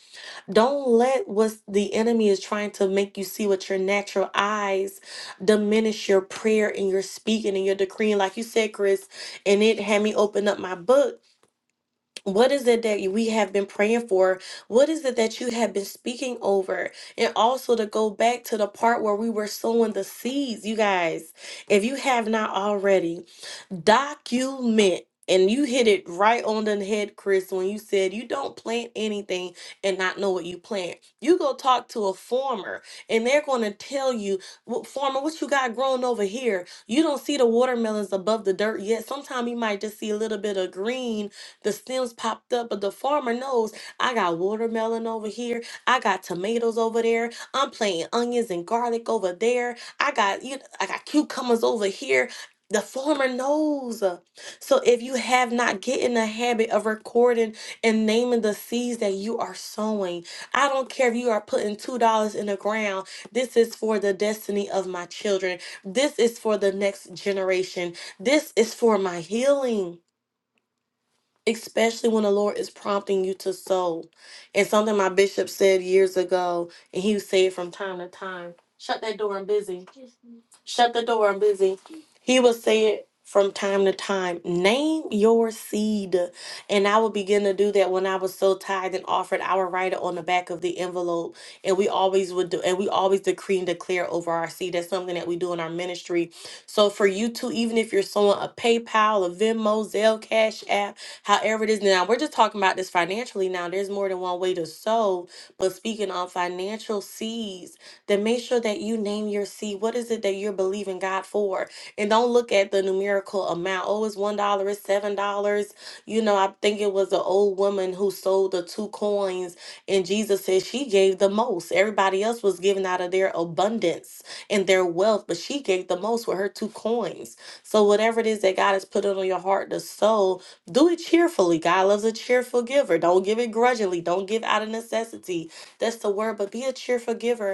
A: don't let what the enemy is trying to make you see with your natural eyes diminish your prayer and your speaking and your decreeing. Like you said, Chris, and it had me open up my book what is it that we have been praying for? What is it that you have been speaking over? And also to go back to the part where we were sowing the seeds, you guys, if you have not already, document and you hit it right on the head chris when you said you don't plant anything and not know what you plant you go talk to a farmer and they're going to tell you what farmer what you got growing over here you don't see the watermelons above the dirt yet sometimes you might just see a little bit of green the stems popped up, but the farmer knows I got watermelon over here. I got tomatoes over there. I'm planting onions and garlic over there. I got you. I got cucumbers over here. The farmer knows. So if you have not get in the habit of recording and naming the seeds that you are sowing, I don't care if you are putting two dollars in the ground. This is for the destiny of my children. This is for the next generation. This is for my healing especially when the Lord is prompting you to sow. And something my bishop said years ago, and he would say it from time to time shut that door and busy. Shut the door, I'm busy. He will say it from time to time. Name your seed. And I would begin to do that when I was so tired and offered. I would write it on the back of the envelope. And we always would do and we always decree and declare over our seed. That's something that we do in our ministry. So for you too, even if you're sowing a PayPal, a Venmo, Zelle, Cash App, however it is now, we're just talking about this financially now. There's more than one way to sow. But speaking on financial seeds then make sure that you name your seed. What is it that you're believing God for? And don't look at the numerical amount. Oh, it's one dollar, it's seven dollars. You know, I think it was an old woman who sold the two coins, and Jesus said she gave the most. Everybody else was giving out of their abundance and their wealth, but she gave the most with her two coins. So whatever it is that God has put on your heart to sow, do it cheerfully. God loves a cheerful giver. Don't give it grudgingly. Don't give out of necessity. That's the word, but be a cheerful giver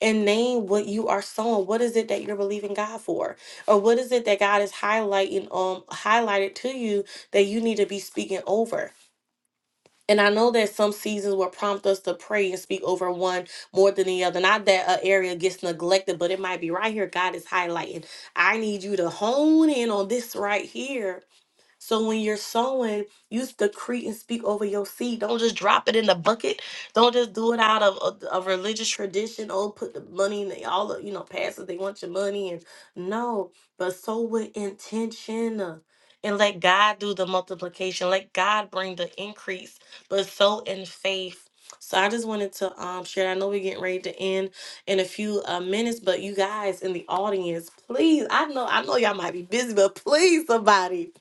A: and name what you are sowing. What is it that you're believing God for? Or what is it that God is highlighting um highlighted to you that you need to be speaking over? And I know that some seasons will prompt us to pray and speak over one more than the other. Not that an area gets neglected, but it might be right here. God is highlighting. I need you to hone in on this right here so when you're sowing, use decree and speak over your seed. Don't just drop it in the bucket. Don't just do it out of a, a religious tradition. Oh, put the money in the, all the you know pastors. They want your money and no, but sow with intention uh, and let God do the multiplication. Let God bring the increase, but sow in faith. So I just wanted to um share. I know we're getting ready to end in a few uh, minutes, but you guys in the audience, please, I know, I know y'all might be busy, but please, somebody.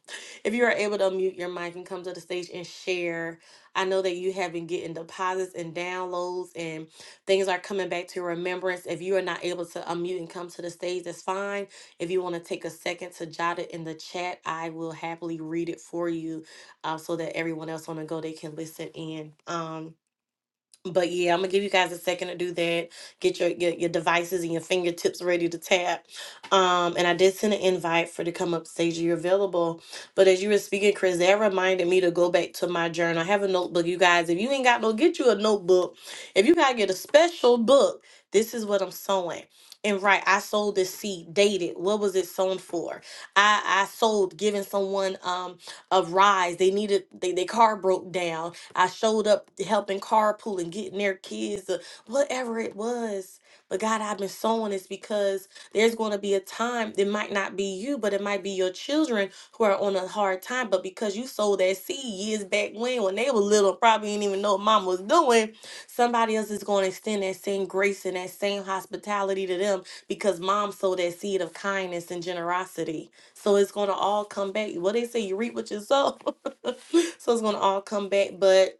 A: If you are able to unmute your mic and come to the stage and share, I know that you have been getting deposits and downloads and things are coming back to your remembrance. If you are not able to unmute and come to the stage, that's fine. If you want to take a second to jot it in the chat, I will happily read it for you uh, so that everyone else on the go they can listen in. Um, but yeah, I'm gonna give you guys a second to do that. Get your your, your devices and your fingertips ready to tap. Um, and I did send an invite for to come up stage. You're available. But as you were speaking, Chris, that reminded me to go back to my journal. I have a notebook, you guys. If you ain't got no, get you a notebook. If you gotta get a special book, this is what I'm sowing. And right, I sold this seed, dated. What was it sown for? I I sold giving someone um a rise. They needed they their car broke down I showed up helping carpool and getting their kids, or whatever it was. But God, I've been sowing this because there's going to be a time, it might not be you, but it might be your children who are on a hard time. But because you sowed that seed years back when, when they were little, probably didn't even know what mom was doing, somebody else is going to extend that same grace and that same hospitality to them because mom sowed that seed of kindness and generosity. So it's going to all come back. What they say, you reap what you sow. so it's gonna all come back. But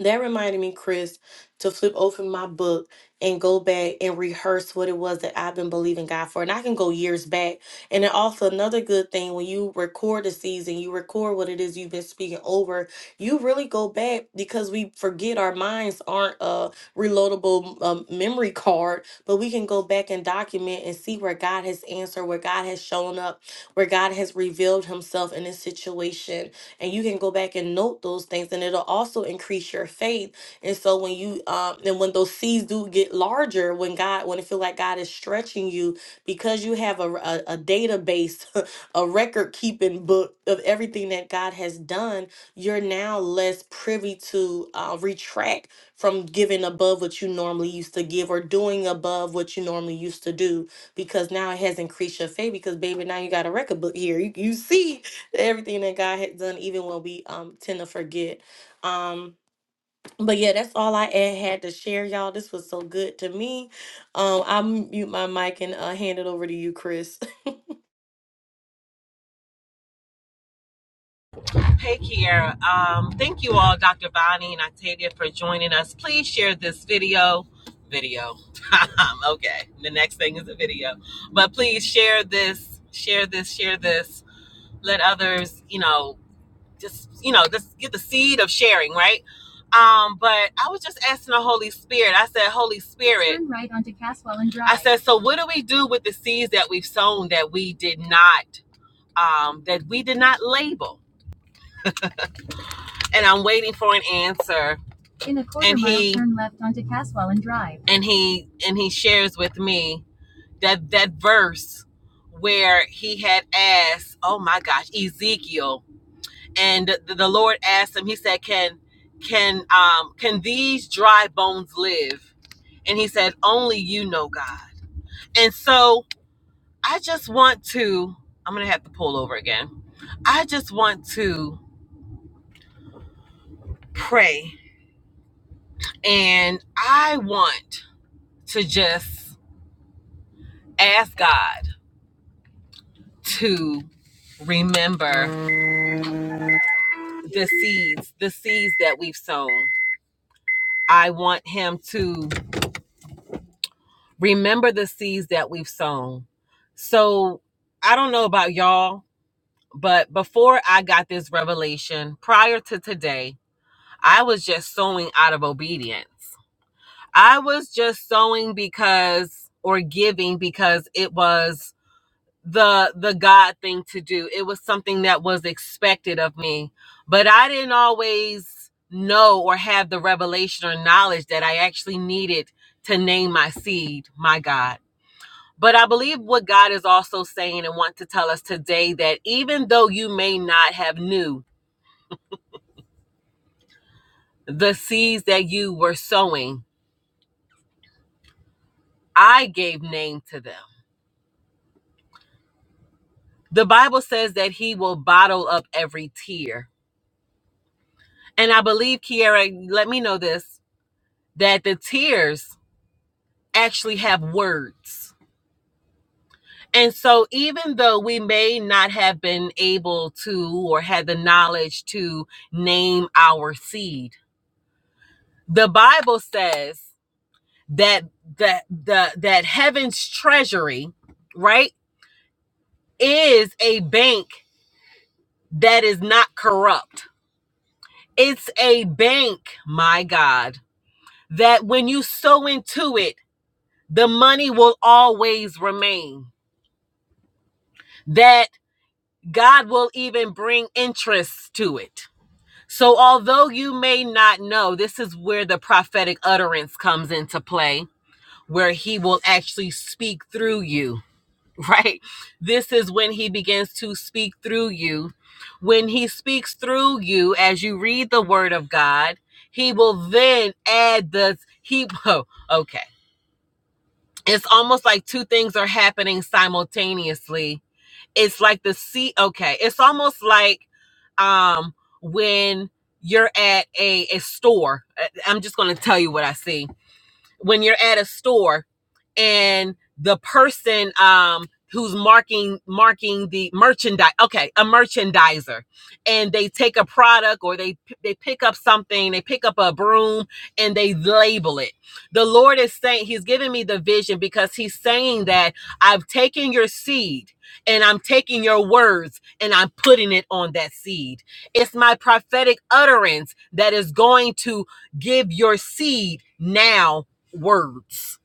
A: that reminded me, Chris, to flip open my book and go back and rehearse what it was that I've been believing God for. And I can go years back. And then also another good thing when you record the season, you record what it is you've been speaking over, you really go back because we forget our minds aren't a reloadable um, memory card, but we can go back and document and see where God has answered, where God has shown up, where God has revealed himself in this situation and you can go back and note those things and it'll also increase your faith and so when you um and when those seeds do get larger when god when it feel like god is stretching you because you have a, a, a database a record keeping book of everything that god has done you're now less privy to uh, retract from giving above what you normally used to give or doing above what you normally used to do because now it has increased your faith because baby now you got a record book here you, you see everything that God had done, even when we um tend to forget. Um, but yeah, that's all I had, had to share, y'all. This was so good to me. Um, I mute my mic and uh, hand it over to you, Chris.
B: Hey, Kiara. Um, thank you all, Dr. Bonnie and Octavia, for joining us. Please share this video. Video. okay. The next thing is a video. But please share this, share this, share this let others, you know, just, you know, just get the seed of sharing, right? Um, but I was just asking the Holy Spirit. I said, Holy Spirit. Turn right onto Caswell and Drive. I said, so what do we do with the seeds that we've sown that we did not, um, that we did not label? And I'm waiting for an answer. In a quarter and mile, he, turn left onto Caswell and Drive. And he and he shares with me that that verse where he had asked, oh my gosh, Ezekiel and the, the Lord asked him. He said, "Can can um can these dry bones live?" And he said, "Only you know, God." And so I just want to. I'm gonna have to pull over again. I just want to pray, and I want to just ask God to remember the seeds, the seeds that we've sown. I want Him to remember the seeds that we've sown. So I don't know about y'all, but before I got this revelation, prior to today, I was just sowing out of obedience. I was just sowing because or giving because it was the the God thing to do. It was something that was expected of me, but I didn't always know or have the revelation or knowledge that I actually needed to name my seed, my God. But I believe what God is also saying and want to tell us today that even though you may not have knew the seeds that you were sowing, I gave name to them. The Bible says that he will bottle up every tear. And I believe Kiara, let me know this, that the tears actually have words. And so even though we may not have been able to or had the knowledge to name our seed, the Bible says that that the that heaven's treasury right is a bank that is not corrupt it's a bank my god that when you sow into it the money will always remain that god will even bring interest to it so although you may not know this is where the prophetic utterance comes into play where he will actually speak through you right? This is when he begins to speak through you. When he speaks through you as you read the word of God, he will then add the he oh, okay. It's almost like two things are happening simultaneously. It's like the sea okay. It's almost like um when you're at a, a store. I- I'm just going to tell you what I see when you're at a store and the person um who's marking marking the merchandise okay a merchandiser and they take a product or they they pick up something they pick up a broom and they label it the lord is saying he's giving me the vision because he's saying that i've taken your seed and i'm taking your words and i'm putting it on that seed it's my prophetic utterance that is going to give your seed now words.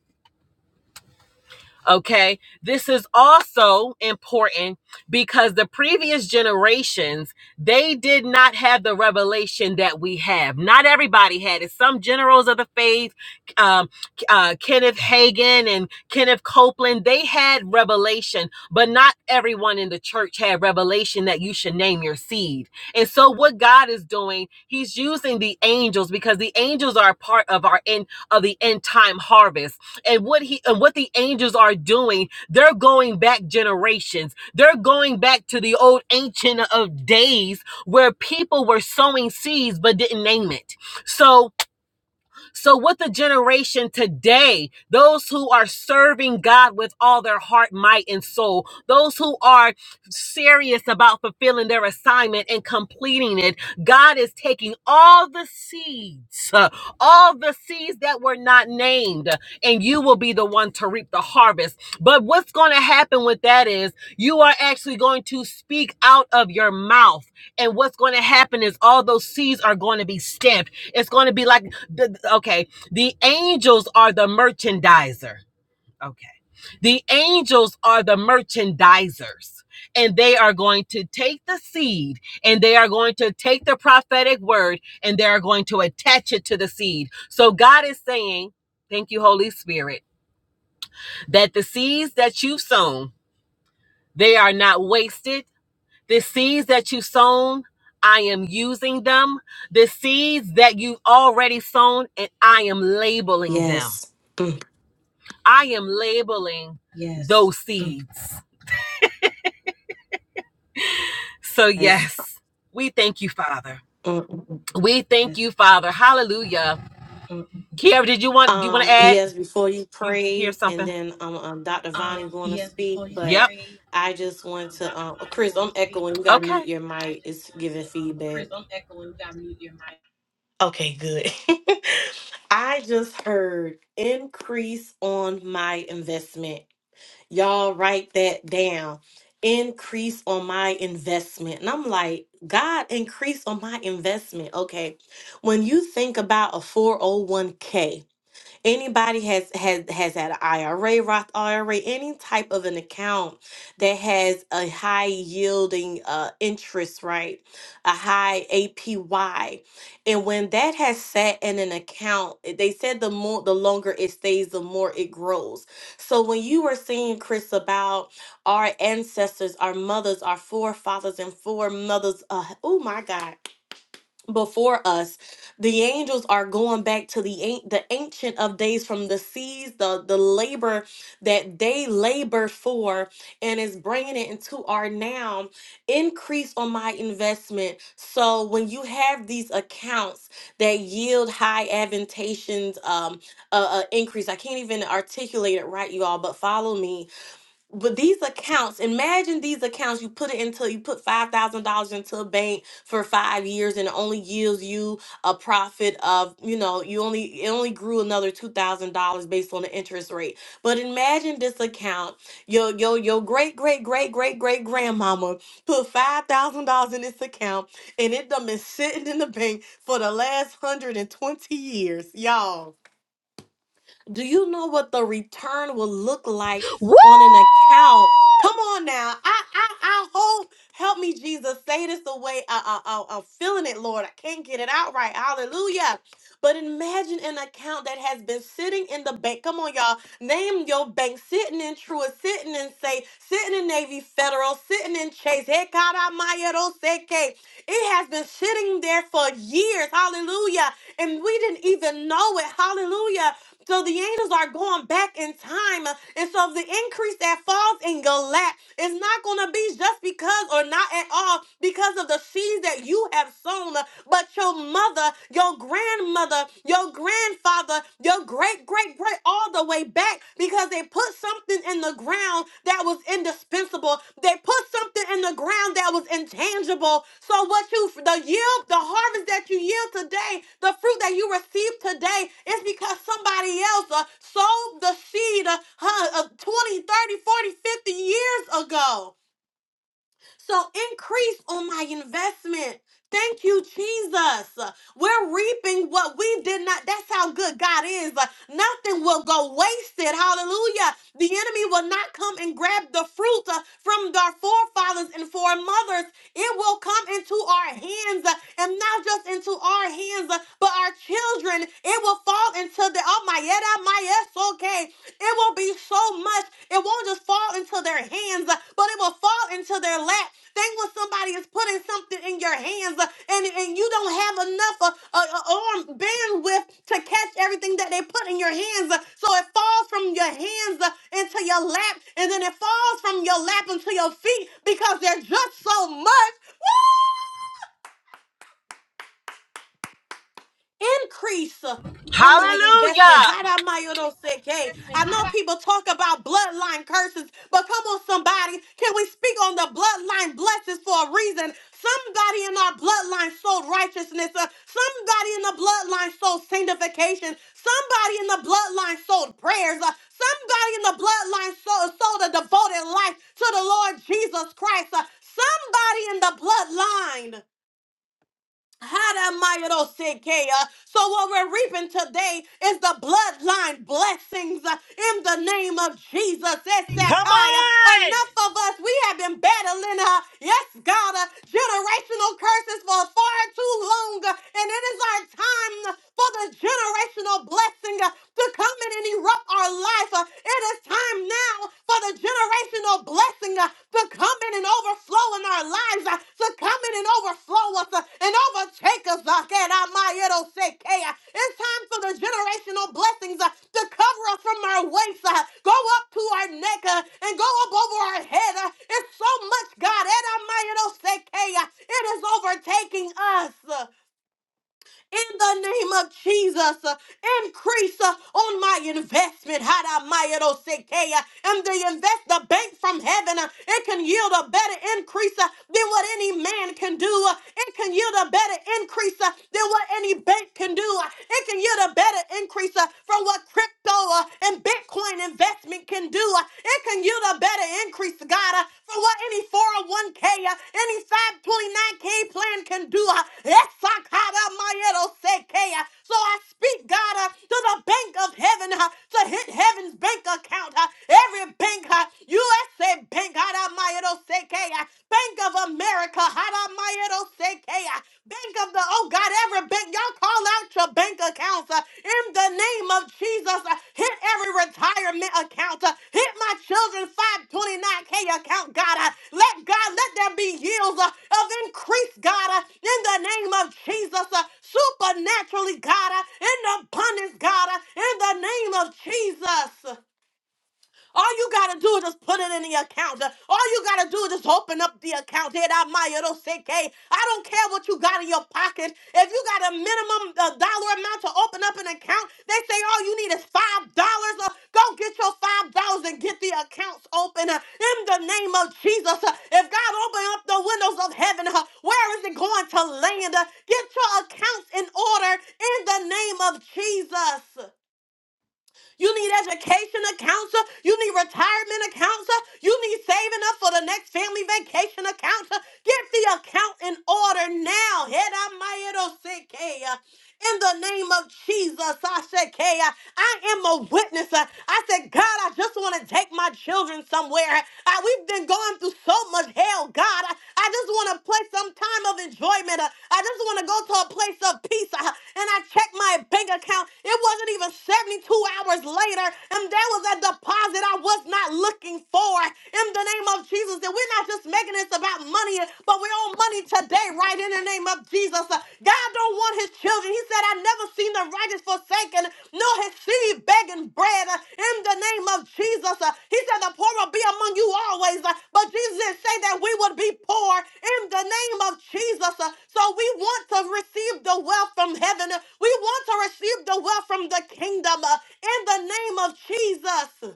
B: Okay. This is also important because the previous generations, they did not have the revelation that we have. Not everybody had it. Some generals of the faith, um, uh, Kenneth Hagin and Kenneth Copeland, they had revelation, but not everyone in the church had revelation that you should name your seed. And so what God is doing, he's using the angels because the angels are a part of our end of the end time harvest and what he and what the angels are doing they're going back generations they're going back to the old ancient of days where people were sowing seeds but didn't name it so so, with the generation today, those who are serving God with all their heart, might, and soul, those who are serious about fulfilling their assignment and completing it, God is taking all the seeds, uh, all the seeds that were not named, and you will be the one to reap the harvest. But what's going to happen with that is you are actually going to speak out of your mouth. And what's going to happen is all those seeds are going to be stamped it's going to be like the okay, the angels are the merchandiser. Okay. The angels are the merchandisers. And they are going to take the seed and they are going to take the prophetic word and they are going to attach it to the seed. So God is saying, Thank you, Holy Spirit, that the seeds that you've sown, they are not wasted the seeds that you sown, I am using them. The seeds that you've already sown, and I am labeling them.
A: Yes. Mm,
B: I am labeling Yes. those seeds. So,
A: yes.
B: yes, we thank you, Father.
A: Mm, mm,
B: We thank Yes. you, Father. Hallelujah. Kiara, did you
A: mm.
B: want do you want to
A: Um,
B: add?
A: yes, before you
B: You hear
A: pray, and
B: something?
A: then um, um Dr. Vonnie's
B: Um,
A: going to
B: yes,
A: speak,
B: before you yep.
A: but
B: pray, and
A: I
B: then
A: just want
B: um,
A: to
B: Dr.
A: um
B: Body's
A: Chris,
B: going to
A: I'm
B: speak.
A: echoing. You
B: but-
A: got to mute
B: Okay.
A: your mic. It's giving feedback. Okay, good. I just heard increase on my investment. Y'all write that down. Increase on my investment. And I'm like, God, increase on my investment. Okay. When you think about a 401k, Anybody has has has had an IRA, Roth IRA, any type of an account that has a high yielding uh, interest, right? A high APY, and when that has sat in an account, it- they said the more the longer it stays, the more it grows. So when you were saying, Chris, about our ancestors, our mothers, our forefathers, and foremothers, uh, oh my God before us the angels are going back to the an- the ancient of days from the seas the the labor that they labor for and is bringing it into our now increase on my investment so when you have these accounts that yield high advantations um uh, uh increase i can't even articulate it right you all but follow me but these accounts imagine these accounts you put it into you put $5000 into a bank for five years and it only yields you a profit of you know you only it only grew another $2000 based on the interest rate but imagine this account your your your great great great great great grandmama put $5000 in this account and it done been sitting in the bank for the last 120 years y'all do you know what the return will look like
B: Woo!
A: on an account? Come on now. I I I hope help me Jesus say this the way I, I, I, am feeling it, Lord. I can't get it out right. Hallelujah. But imagine an account that has been sitting in the bank. Come on, y'all. Name your bank sitting in Truist, sitting in Safe, sitting in Navy Federal, sitting in Chase. Hekaramayeroseke. It has been sitting there for years. Hallelujah. And we didn't even know it. Hallelujah. So the angels are going back in time. And so the increase that falls in your lap is not going to be just because or not at all because of the seeds that you have sown, but your your mother, your grandmother, your grandfather, your great great great, all the way back because they put something in the ground that was indispensable. They put something in the ground that was intangible. So what you the yield, the harvest that you yield today, the fruit that you receive today is because somebody else uh, sowed the seed uh, huh, uh, 20, 30, 40, 50 years ago. So increase on my investment. Thank you, Jesus. We're reaping what we did not. That's how good God is. Nothing will go wasted. Hallelujah. The enemy will not come and grab the fruit uh, from our forefathers and foremothers. It will come into our hands uh, and not just into our hands, uh, but our children. It will fall into the, oh my, yeah, that my, yes, okay. It will be so much. It won't just fall into their hands, uh, but it will fall into their lap. Think when somebody is putting something in your hands uh, and, and you don't have enough uh, uh, uh, arm bandwidth to catch everything that they put in your hands. uh, So it falls from your hands uh, into your lap and then it falls from your lap into your feet because they're just so much. Woo! increase uh, on my investment.
B: Hallelujah!
A: Hadamayonoseke. I know people talk about bloodline curses, but come on, somebody. Can we speak on the bloodline blessings for a reason? Somebody in our bloodline sold righteousness. uh, Somebody in the bloodline sold sanctification. Somebody in the bloodline sold prayers. uh, Somebody in the bloodline sold, sold a devoted life to the Lord Jesus Christ. uh, Somebody in the bloodline Hadamayadosikeya. So what we're reaping today is the bloodline blessings uh, in the name of Jesus.
B: Come
A: Esekaya.
B: on!
A: Enough of us. We have been battling, uh, yes, God, uh, generational curses for far too long. uh, And it is our time uh, for the generational blessing uh, to come in and erupt our life. Uh, It is time now for the generational blessing uh, to come in and overflow in our lives, uh, to come in and overflow us uh, and overtake us. uh, can I, my, it'll say, K, uh, It's time for the generational blessings uh, to cover us from our waist, uh, go up to our neck, uh, and go up over our head. uh, it's so much, God. And I, my, it'll say, K, uh, It is overtaking us in the name of Jesus. uh, Increase uh, on my investment. Hadamayadosekeya. And the invest the bank from heaven. uh, It can yield a better increase uh, than what any man can do. uh, It can yield a better increase uh, than what any bank can do. uh, It can yield a better increase uh, from what crypto uh, and Bitcoin investment can do. uh, it can yield a better increase, God, uh, for what any 401k, uh, any 529k plan can do. uh, Esakaramayeroseke, uh, So I speak, God, uh, to the bank of heaven, uh, to hit heaven's bank account, uh, every bank, uh, USA Bank, Haramayeroseke, uh, my it'll say K, uh, Bank of America, God, uh, my Haramayeroseke, uh, bank of the oh God, every bank, y'all call out your bank accounts uh, in the name of Jesus. uh, hit every retirement account, uh, hit my children's 529k account, God. uh, let God let there be yields uh, of increase, God, uh, in the name of Jesus. uh, supernaturally, God, uh, in abundance, God, uh, in the name of Jesus. All you gotta do is just put it in the account. All you gotta do is just open up the account. Hey, that my, it'll say, "Hey, I don't care what you got in your pocket. If you got a minimum uh, dollar amount to open up an account, they say all you need is five dollars. Uh, Go get your five dollars and get the accounts open uh, in the name of Jesus. Uh, If God open up the windows of heaven, uh, where is it going to land? Uh, Get your accounts in order in the name of Jesus. You need education accounts. uh, You need retirement accounts. uh, You need saving up for the next family vacation accounts. Get the account in order now. Head on my it'll sick, hey, uh, in the name of Jesus, I said, Kay, I I am a witness. I I said, God, I just want to take my children somewhere. I, we've been going through so much towards hell, God. I, I just want to play some time of enjoyment. Uh, I just want to go to a place of peace. Uh, and I checked my bank account. It wasn't even 72 hours later, and there was a deposit I was not looking for. In the name of Jesus, that we're not just making this about money, but we're on money today, right? In the name of Jesus. Uh, God don't want his children. He said, I never seen the righteous forsaken, nor his seed begging bread. Uh, In the name of Jesus. uh, He said, the poor be among you always. uh, But Jesus did say that we would be poor in the name of Jesus. uh, So we want to receive the wealth from heaven. uh, We want to receive the wealth from the kingdom uh, in the name of Jesus.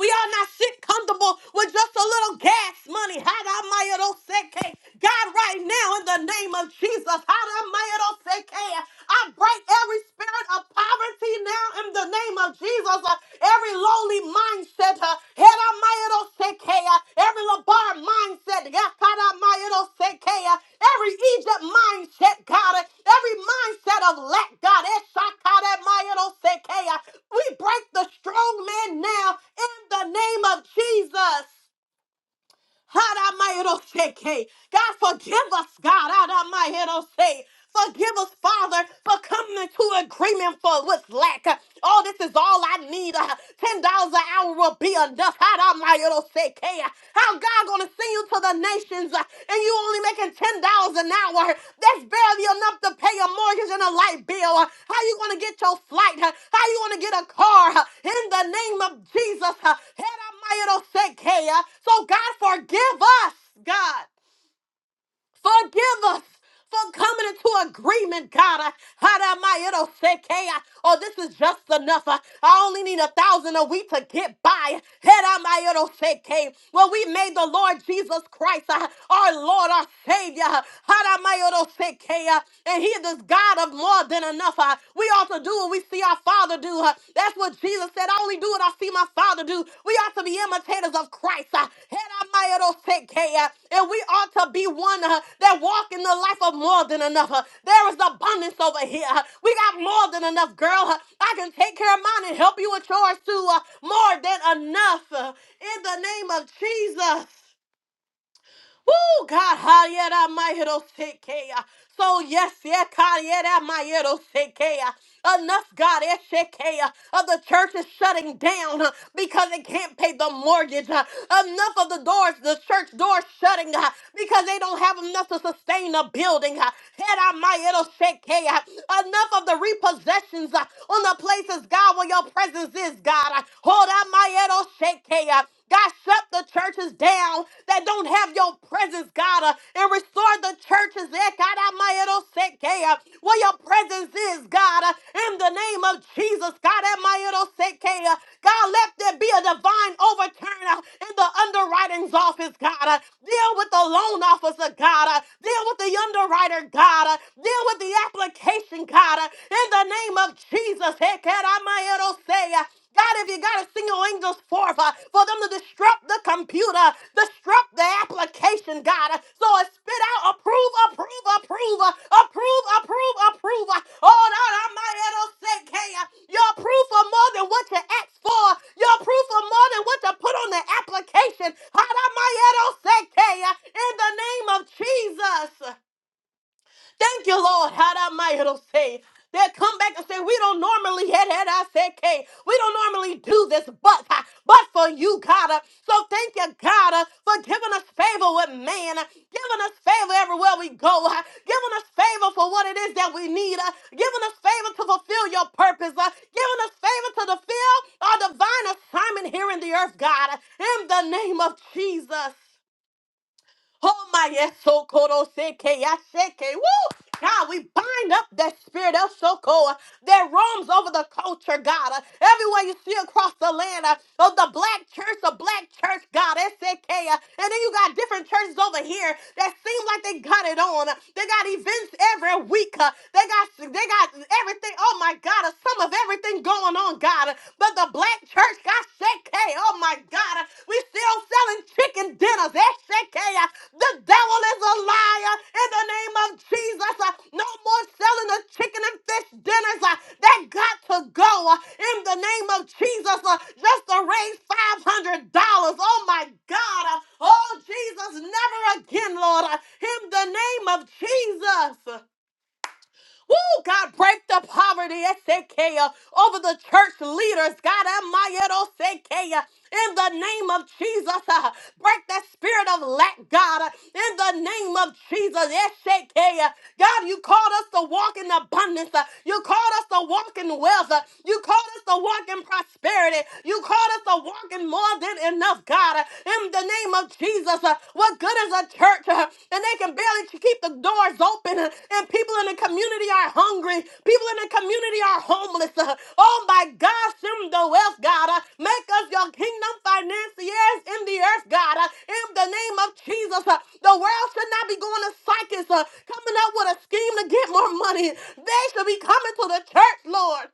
A: We are not sit comfortable with just a little gas money. Hadamayadoseke. God, right now, in the name of Jesus, Hadamayadoseke, I break every spirit of poverty now in the name of Jesus. Uh, Every lowly mindset, uh, Yakaramayorosekea, Every Labar mindset, Yakaramayerosekea, every Egypt mindset, God, every mindset of lack, God, Eshakaramayorosekea, we break the strong man now in the name of Jesus. Haramaeroseke. God, forgive us, God. Haramaerose. Forgive us, Father, for coming into agreement for what's lack. Oh, this is all I need. Uh, $10 an hour will be enough. Haramaeroseke. How God gonna send you to the the nations uh, and you only making $10 an hour. That's barely enough to pay a mortgage and a light bill. Uh, How you going to get your flight? Uh, How you going to get a car? Uh, In the name of Jesus. uh, Head of my little sick care. So God forgive us, God. Forgive us for coming into agreement, God. Uh, Haramayotoseke, uh, Oh, this is just enough. Uh, I only need a thousand a week to get by. Haramayotoseke, Well, we made the Lord Jesus Christ uh, our Lord, our Savior. Haramayotoseke, uh, And He is this God of more than enough. Uh, We ought to do what we see our Father. Father do. Uh, That's what Jesus said. I only do what I see my Father do. We ought to be imitators of Christ. uh, Hedamayadosekei, uh, And we ought to be one uh, that walk in the life of more than enough. uh, There is abundance over here. uh, We got more than enough, girl. uh, I can take care of mine and help you with yours too. uh, More than enough. uh, In the name of Jesus. Woo, God, Hayera Mayero Sekea. So, yes, yeah, Kayera Mayero Sekea. Enough, God, Eshekea, of the church is shutting down uh, because they can't pay the mortgage. uh. Enough of the doors, the church doors shutting uh, because they don't have enough to sustain a building. uh. Hera Mayero Sekea. Enough of the repossessions uh, on the places, God, where your presence is, God. Hold on, Mayero Sekea. God, shut the churches down that don't have your presence, God, uh, and restore the churches there, God Almighty set care where your presence is, God, uh, in the name of Jesus, God Almighty set care. God, let there be a divine overturn uh, in the underwriting's office, God. uh, Deal with the loan officer, God. uh, Deal with the underwriter, God. uh, Deal with the application, God. uh, In the name of Jesus, heck, God Almighty say. uh, God, if you got to send your angels forth uh, for them to disrupt the computer, disrupt the application, God, uh, so it spit out approve, approve, approve, uh, approve, approve, approve. uh, Oh, no, I might have said, you're proof of more than what you asked for. Your proof of more than what you put on the application. Hada Mayedo Seke, uh, In the name of Jesus. Thank you, Lord. Hadamayro say. They'll come back and say, We don't normally head head I said K. We don't normally do this, but uh, but for you, God. uh, So thank you, God, uh, for giving us favor with man, uh, giving us favor everywhere we go, uh, giving us favor for what it is that we need, uh, giving us favor to fulfill your purpose, uh, giving us favor to fulfill our divine assignment here in the earth, God, uh, in the name of Jesus. Oh my yes, so koro seke yaseke. Woo! God, we bind up that spirit of Shoko uh, that roams over the culture, God. Uh, Everywhere you see across the land uh, of the black church, the black church, God, SAK. uh, And then you got different churches over here that seem like they got it on. Uh, They got events every week. uh, They got they got everything. Oh my God, uh, some of everything going on, God. Uh, But the black church got SAK. Oh my God, we still selling chicken dinners. Eshekaya. The devil is a liar in the name of Jesus. Uh, No more selling the chicken and fish dinners. Uh, That got to go uh, in the name of Jesus uh, just to raise $500. Oh my God. Uh, Oh Jesus, never again, Lord. Uh, In the name of Jesus. Woo, God, break the poverty, SKA, over the church leaders, God, Amayero, SKA. In the name of Jesus, uh, break that spirit of lack, God. uh, In the name of Jesus, SKA. God, you called us to walk in abundance. uh, You called us to walk in wealth. uh, You called us to walk in prosperity. You called us to walk in more than enough, God. uh, In the name name of Jesus. Uh, What good is a church? uh, And they can barely keep the doors open. uh, And people in the community are hungry. People in the community are homeless. uh. Oh my God, send the wealth, God. uh, Make us your kingdom financiers in the earth, God. uh, In the name of Jesus, uh, the world should not be going to psychics uh, coming up with a scheme to get more money. They should be coming to the church, Lord.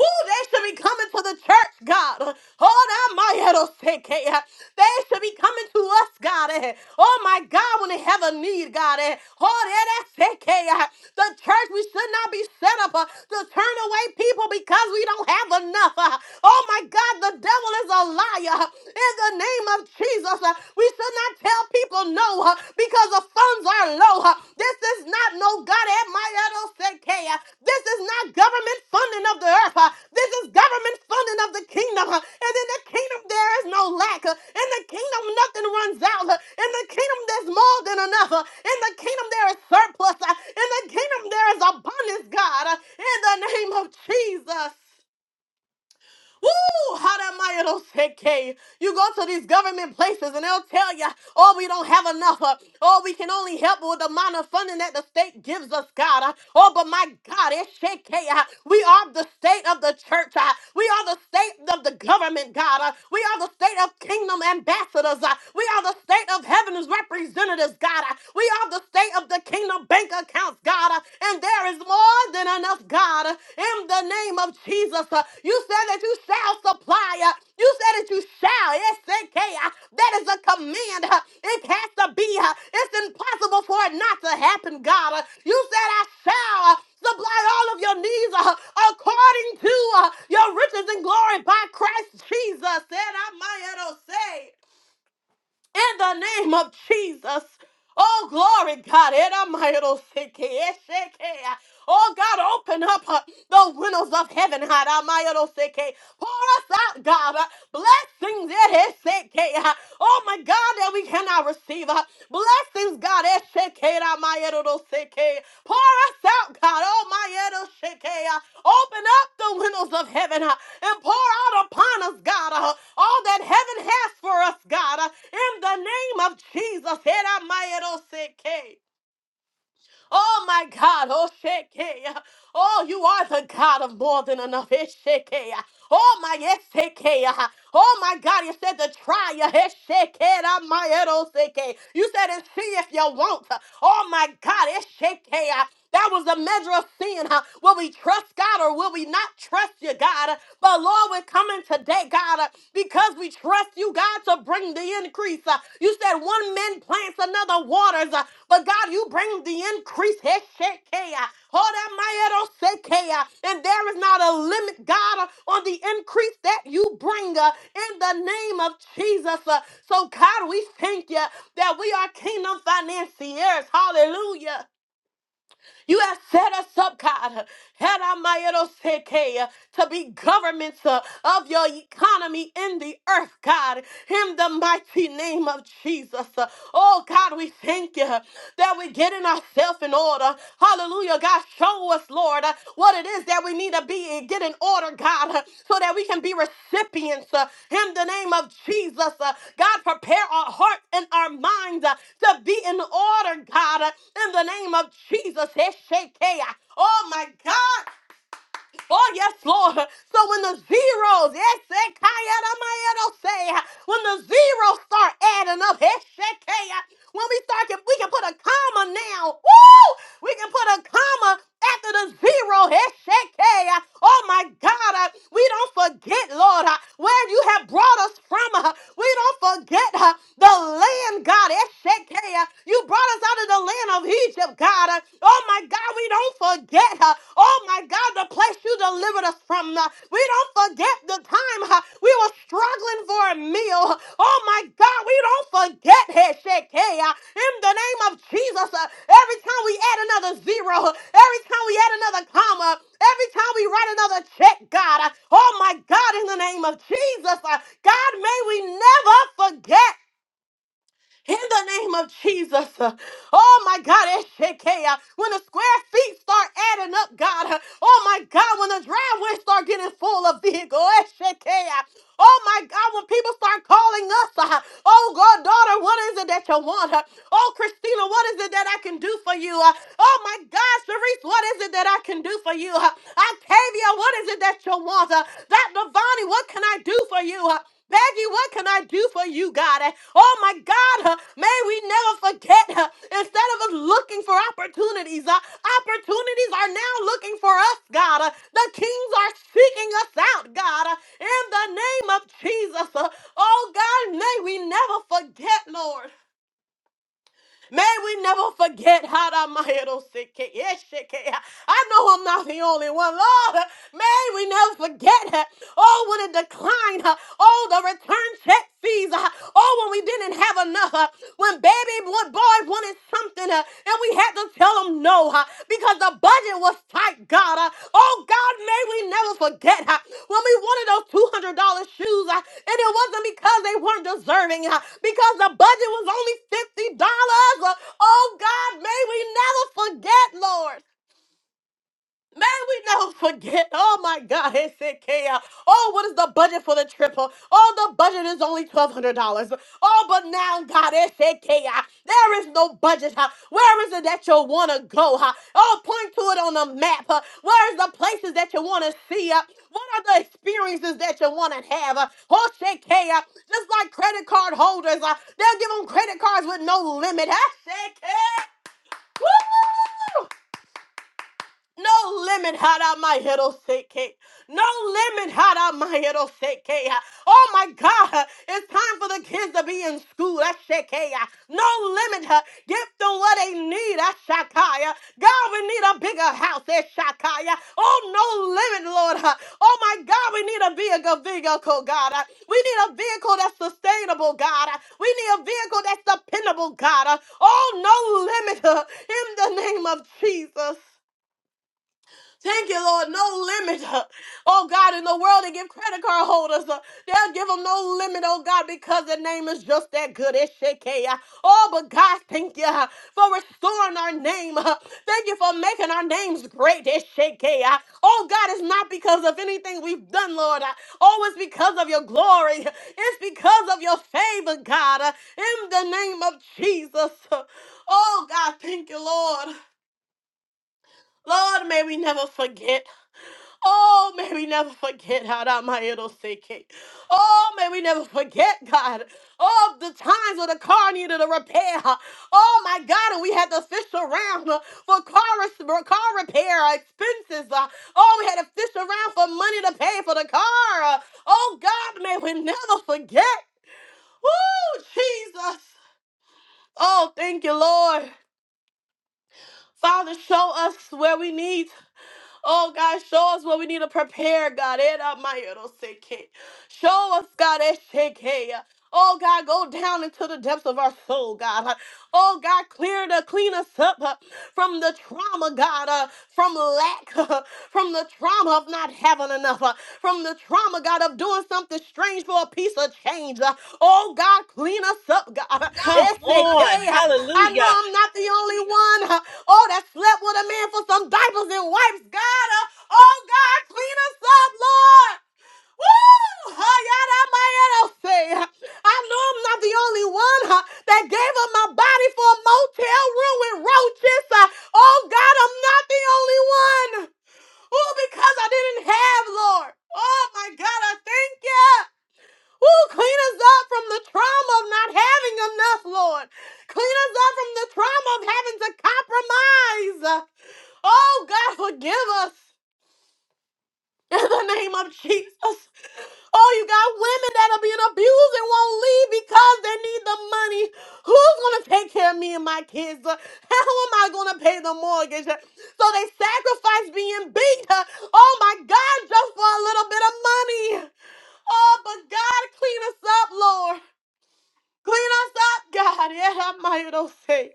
A: Ooh, they should be coming to the church, God. Oh, that my head will shake, eh. They should be coming to us, God. eh. Oh, my God, when they have a need, God. eh. Oh, that shake, eh. The church, we should not be set up uh, to turn away people because we don't have enough. uh. Oh, my God, the devil is a liar. In the name of Jesus, uh, we should not tell people no low huh, because the funds are low. huh. This is not no God at my K. huh? This is not government funding of the earth. huh. This is government funding of the kingdom. huh. And in the kingdom, there is no lack. huh. In the kingdom, nothing runs out. huh. In the kingdom, there's more than enough. huh. In the kingdom, there is surplus. huh. In the kingdom, there is abundance, God. huh. In the name of Jesus. Woo! Hadamaya no seke. You go to these government places and they'll tell you, oh, we don't have enough. uh, Oh, we can only help with the amount of funding that the state gives us, God. uh, Oh, but my God, it's shake. uh, We are the state of the church. uh, We are the state of the government, God. uh, We are the state of kingdom ambassadors. uh, We are the state of heaven's representatives, God. uh, We are the state of the kingdom bank account else, God, uh, and there is more than enough, God, uh, in the name of Jesus. uh, You said that you shall supply, uh, you said that you shall, SK, uh, that is a command, uh, it has to be, uh, it's impossible for it not to happen, God. uh, You said, I shall. uh, supply all of your needs uh, according to uh, your riches and glory by Christ Jesus. Said I might as well say in the name of Jesus. Oh, glory, God. Oh, God, open up uh, the windows of heaven. Pour us out, God. uh, Blessings. uh, Oh, my God, that we cannot receive. uh, Blessings, God. Eshekera mayerodoseke. Pour us out, God. Oh, mayeroshekea. Open up the windows of heaven uh, and pour out upon us, God, uh, all that heaven has for us, God, uh, in the name of Jesus. Era mayerosheke. Oh my God, oh Shekeah. Oh, you are the God of more than enough. It's Shekeah. Oh my yes, Shekeah. Oh my God, you said to try your head Shekeah, my head, oh Shekeah. You said and see if you want. Oh my God, it's Shekeah. That was the measure of sin. Huh? Will we trust God or will we not trust you, God? But Lord, we're coming today, God, uh, because we trust you, God, to bring the increase. Uh, You said one man plants, another waters, uh, but God, you bring the increase. Heshekea, hodamayetosekea, And there is not a limit, God, uh, on the increase that you bring uh, in the name of Jesus. Uh, So, God, we thank you that we are kingdom financiers. Hallelujah. You have set us up, God, Heramayeroseke, to be governments uh, of your economy in the earth, God, in the mighty name of Jesus. Uh, Oh, God, we thank you that we're getting ourselves in order. Hallelujah, God, show show us, Lord, uh, what it is that we need to be get in order, God, uh, so that we can be recipients uh, in the name of Jesus. uh, God, prepare our hearts and our minds uh, to be in order, God, uh, in the name of Jesus. Eshekea. Oh my God. Oh, yes, Lord. So when the zeros, yes, eh, kaya da maya do say, when the zeros start adding up, eh, shekaya, when we start, to- we can put a comma now. Woo! We can put a comma after the zero. eh, shekaya. Oh, my God. uh, We don't forget, Lord, uh, where you have brought us from. uh, We don't forget uh, the land, God. eh, shekaya. You brought us out of the land of Egypt worship, God. Uh, Oh my God, we don't forget. uh, Oh my God, the place you delivered us from. uh, We don't forget the time uh, we were struggling for a meal. uh, Oh my God, we don't forget. hey, Shekinah, uh, In the name of Jesus, uh, every time we add another zero, uh, every time we add another comma, huh? every time we write another check, God. uh, Oh my God, in the name of Jesus, uh, God, may we never forget. In the name of Jesus. uh, Oh my God, Eshekaya. When the square feet start adding up, God. uh, Oh my God, when the driveways start getting full of vehicle, Eshekaya. Oh my God, when people start calling us, uh, oh God, daughter, what is it that you want? Uh, Oh Christina, what is it that I can do for you? Uh, Oh my God, Sharice, what is it that I can do for you? Uh, Octavia, what is it that you want? Uh, Dr. Vonnie, what can I do for you? Uh, Becky, what what can I do for you, God? Uh, Oh my God, uh, may we never forget. uh, Instead of us looking for opportunities, uh, opportunities are now looking for us, God. Uh, The kings are seeking us out, God. Uh, In the name of Jesus, uh, oh God, may we never forget, Lord. May we never forget how to I know I'm not the only one, Lord. May we never forget, oh, when it declined, oh, the return check fees, oh, when we didn't have enough, when baby boy boy wanted something and we had had to tell them no huh, because the budget was tight, God. huh. Oh, God, may we never forget huh, when we wanted those $200 shoes huh, and it wasn't because they weren't deserving, huh, because the budget was only $50. huh. Oh, God, may we never forget, Lord. May we not forget. Oh my God, it's sick, Kaya. Oh, what is the budget for the triple? Oh, the budget is only $1,200. Oh, but now, God, it's sick, Kaya. There is no budget. Huh? Where is it that you want to go? Huh? Oh, point to it on the map. Huh? Where is the places that you want to see? Huh? What are the experiences that you want to have? Huh? Oh, Ikea. Just like credit card holders, huh? they'll give them credit cards with no limit. Huh? Ikea. Woo! No limit had I my head seke. No limit had I my head seke. Oh my God, it's time for the kids to be in school. That's sheke. No limit. huh? Give them what they need. That's shakaya. God, we need a bigger house. That's shakaya. Oh, no limit, Lord. huh? Oh my God, we need a bigger vehicle, God. Uh, We need a vehicle that's sustainable, God. Uh, We need a vehicle that's dependable, God. Uh, Oh, no limit uh, in the name of Jesus. Thank you, Lord. No limit, oh God, in the world they give credit card holders. uh, They'll give them no limit, oh God, because the name is just that good. It's shaky. uh, Oh, but God, thank you uh, for restoring our name. uh, Thank you for making our names great. It's shaky. uh, Oh God, it's not because of anything we've done, Lord. uh, Oh, it's because of your glory. It's because of your favor, God. uh, In the name of Jesus. Uh, Oh God, thank you, Lord. Lord, may we never forget. Oh, may we never forget how that my it'll Oh, may we never forget, God. Oh, the times when the car needed a repair. Oh, my God, and we had to fish around uh, for car, res- for car repair uh, expenses. uh, Oh, we had to fish around for money to pay for the car. uh, Oh, God, may we never forget. Woo, Jesus. Oh, thank you, Lord. Father, show us where we need. Oh God, show us what we need to prepare, God. Eh, da, my, eh, do, say, K. Show us, God. eh, shake, hey, uh, Oh God, go down into the depths of our soul, God. Oh God, clear to clean us up uh, from the trauma, God, uh, from lack, from the trauma of not having enough, uh, from the trauma, God, of doing something strange for a piece of change. uh, Oh God, clean us up, God.
B: Come
A: S A K.
B: on.
A: I know
B: Hallelujah.
A: I'm not the only one. uh, Oh, that slept with a man for some diapers and wipes, God. uh, Oh God, clean us up, Lord. Woo! Hayaramayarose. I know I'm not the only one huh, that gave up my body for a motel room with roaches. Uh, Oh God, I'm not the only one. Oh, because I didn't have, Lord. Oh my God, I thank you. Oh, clean us up from the trauma of not having enough, Lord. Clean us up from the trauma of having to compromise. Oh God, forgive us. In the name of Jesus. Oh, you got women that are being abused and won't leave because they need the money. Who's going to take care of me and my kids? Uh, How am I going to pay the mortgage? Uh, So they sacrifice being beat. uh, Oh my God, just for a little bit of money. Oh, but God, clean us up, Lord. Clean us up, God. Yeah, I might as well say.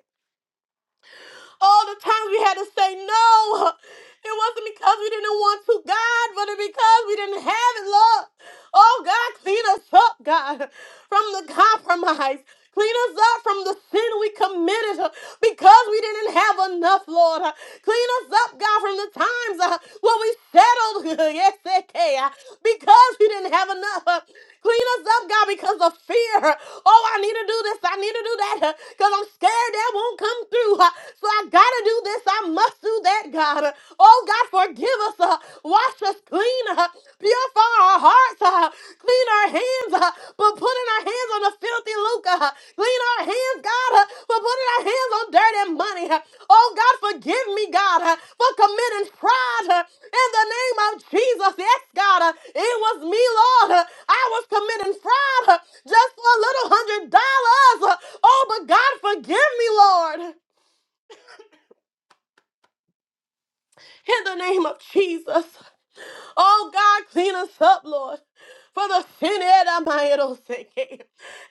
A: All the times we had to say no. It wasn't because we didn't want to, God, but it because we didn't have it, Lord. Oh, God, clean us up, God, from the compromise. Clean us up from the sin we committed uh, because we didn't have enough, Lord. Uh, Clean us up, God, from the times uh, when we settled, yes, okay, uh, because we didn't have enough. Uh, Clean us up, God, because of fear. Oh, I need to do this. I need to do that because I'm scared that won't come through. uh, So I got to do this. I must do that, God. Uh, Oh, God, forgive us. uh, Wash us clean. uh, Purify our hearts. uh, Clean our hands. uh, But putting our hands on the filthy lucre. huh? Clean our hands, God, uh, for putting our hands on dirt and money. uh. Oh, God, forgive me, God, uh, for committing pride uh, in the name of Jesus. Yes, God, uh, it was me, Lord. uh, I was committing pride uh, just for a little hundred dollars. uh. Oh, but God, forgive me, Lord. in the name of Jesus. Oh God, clean us up, Lord. For the sin that I might have taken.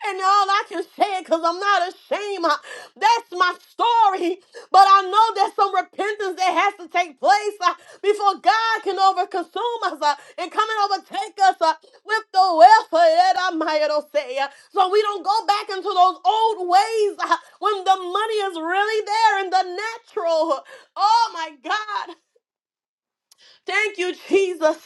A: And all I can say it because I'm not ashamed. I- That's my story. But I know there's some repentance that has to take place uh, before God can overconsume us uh, and come and overtake us uh, with the welfare that I might have say. uh, So we don't go back into those old ways uh, when the money is really there in the natural. Oh my God. Thank you, Jesus.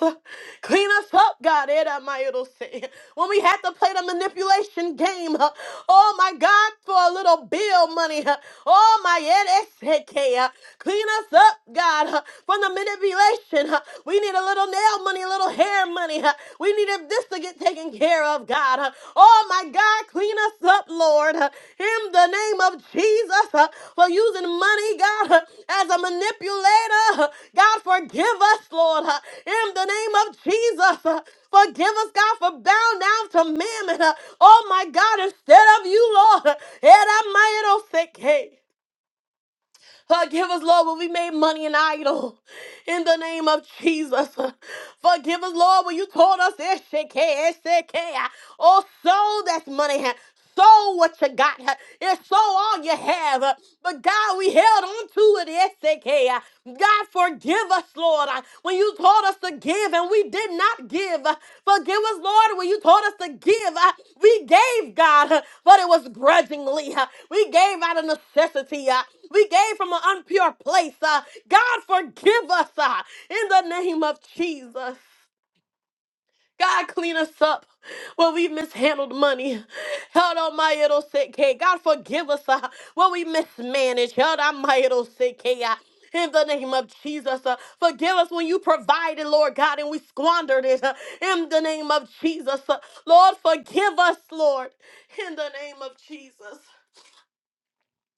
A: Clean us up, God. Eh, that my little se. When we had to play the manipulation game, uh, oh my God, for a little bill money. uh, Oh my, eh, that's it is sick, eh. Clean us up, God, huh, from the manipulation. huh. We need a little nail money, a little hair money. huh. We need this to get taken care of, God. huh. Oh, my God, clean us up, Lord. huh, In the name of Jesus, huh, for using money, God, huh, as a manipulator. huh. God, forgive us, Lord. huh, In the name of Jesus, huh. forgive us, God, for bowing down to mammon. huh. Oh, my God, instead of you, Lord. huh, and I hey. Forgive us, Lord, when we made money an idol. In the name of Jesus. Uh, Forgive us, Lord, when you told us, "Ishake, ishake." oh, sold that money. Sold what you got. And sold all you have. uh. But God, we held on to it. Ishake. God, forgive forgive us, Lord, uh, when you told us to give and we did not give. Uh, Forgive us, Lord, when you told us to give. Uh, We gave, God, uh, but it was grudgingly. uh, We gave out of necessity. uh, We gave from an unpure place. uh, God, forgive us uh, in the name of Jesus. God, clean us up when we mishandled money. Held on my little will sick God, forgive us uh, when we mismanaged. Held on my little will sick in the name of Jesus, uh, forgive us when you provided, Lord God, and we squandered it. uh, in the name of Jesus, uh, Lord, forgive us, Lord, in the name of Jesus.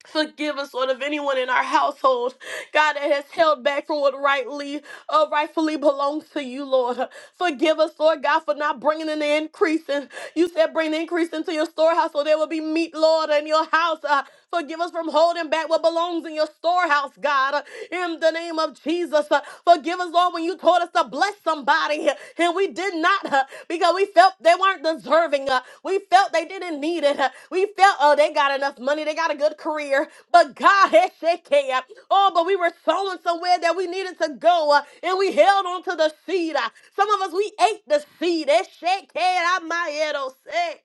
A: Forgive us, Lord, of anyone in our household, God, that has held back from what rightly, uh, rightfully belongs to you, Lord. Forgive us, Lord God, for not bringing in the increase. And you said, bring the increase into your storehouse, so there will be meat, Lord, in your house. Uh, forgive us from holding back what belongs in your storehouse, God. uh, in the name of Jesus, uh, forgive us, Lord, when you told us to bless somebody uh, and we did not, uh, because we felt they weren't deserving. Uh, we felt they didn't need it. Uh, we felt, oh, they got enough money. They got a good career. But God had shaken. Uh, Oh, but we were sown somewhere that we needed to go. Uh, and we held on to the seed. Uh, some of us, we ate the seed. It shaken. I might say.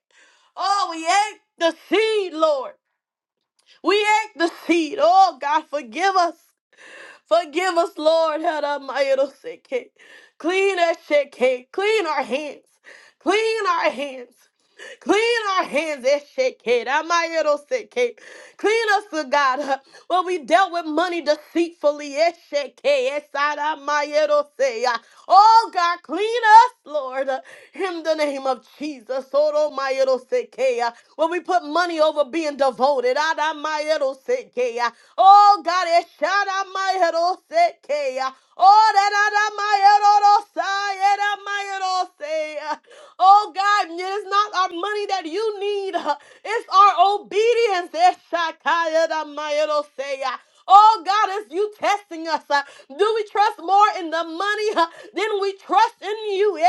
A: Oh, we ate the seed, Lord. We ate the seed. Oh, God, forgive us. Forgive us, Lord. Hadamayadoseke. Clean us, shake. Clean our hands. Clean our hands. Clean our hands. Esheke. Damayadoseke. Clean us, oh God. huh. When we dealt with money deceitfully, Esheke, esadamayerosea. oh God, clean us, Lord, in the name of Jesus. Oromayerosekea. When we put money over being devoted, adamayerosekea. oh God, eshadamayerosekea. oh Oh God, it is not our money that you need. It's our obedience. Oh God, is you testing us? Do we trust more in the money than we trust in you?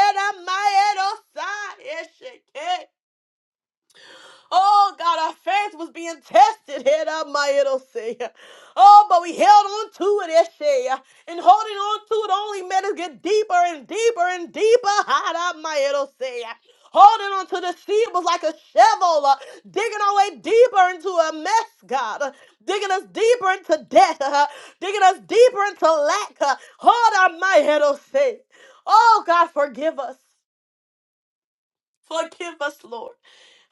A: Oh God, our faith was being tested. Head up, my it'll say. Oh, but we held on to it, Eshe. And holding on to it only made us get deeper and deeper and deeper. Hide up, my it'll say. Holding on to the sea was like a shovel, uh, digging our way deeper into a mess, God. uh, digging us deeper into death, uh, digging us deeper into lack. Uh, hold up, my it'll say. Oh God, forgive us. Forgive us, Lord.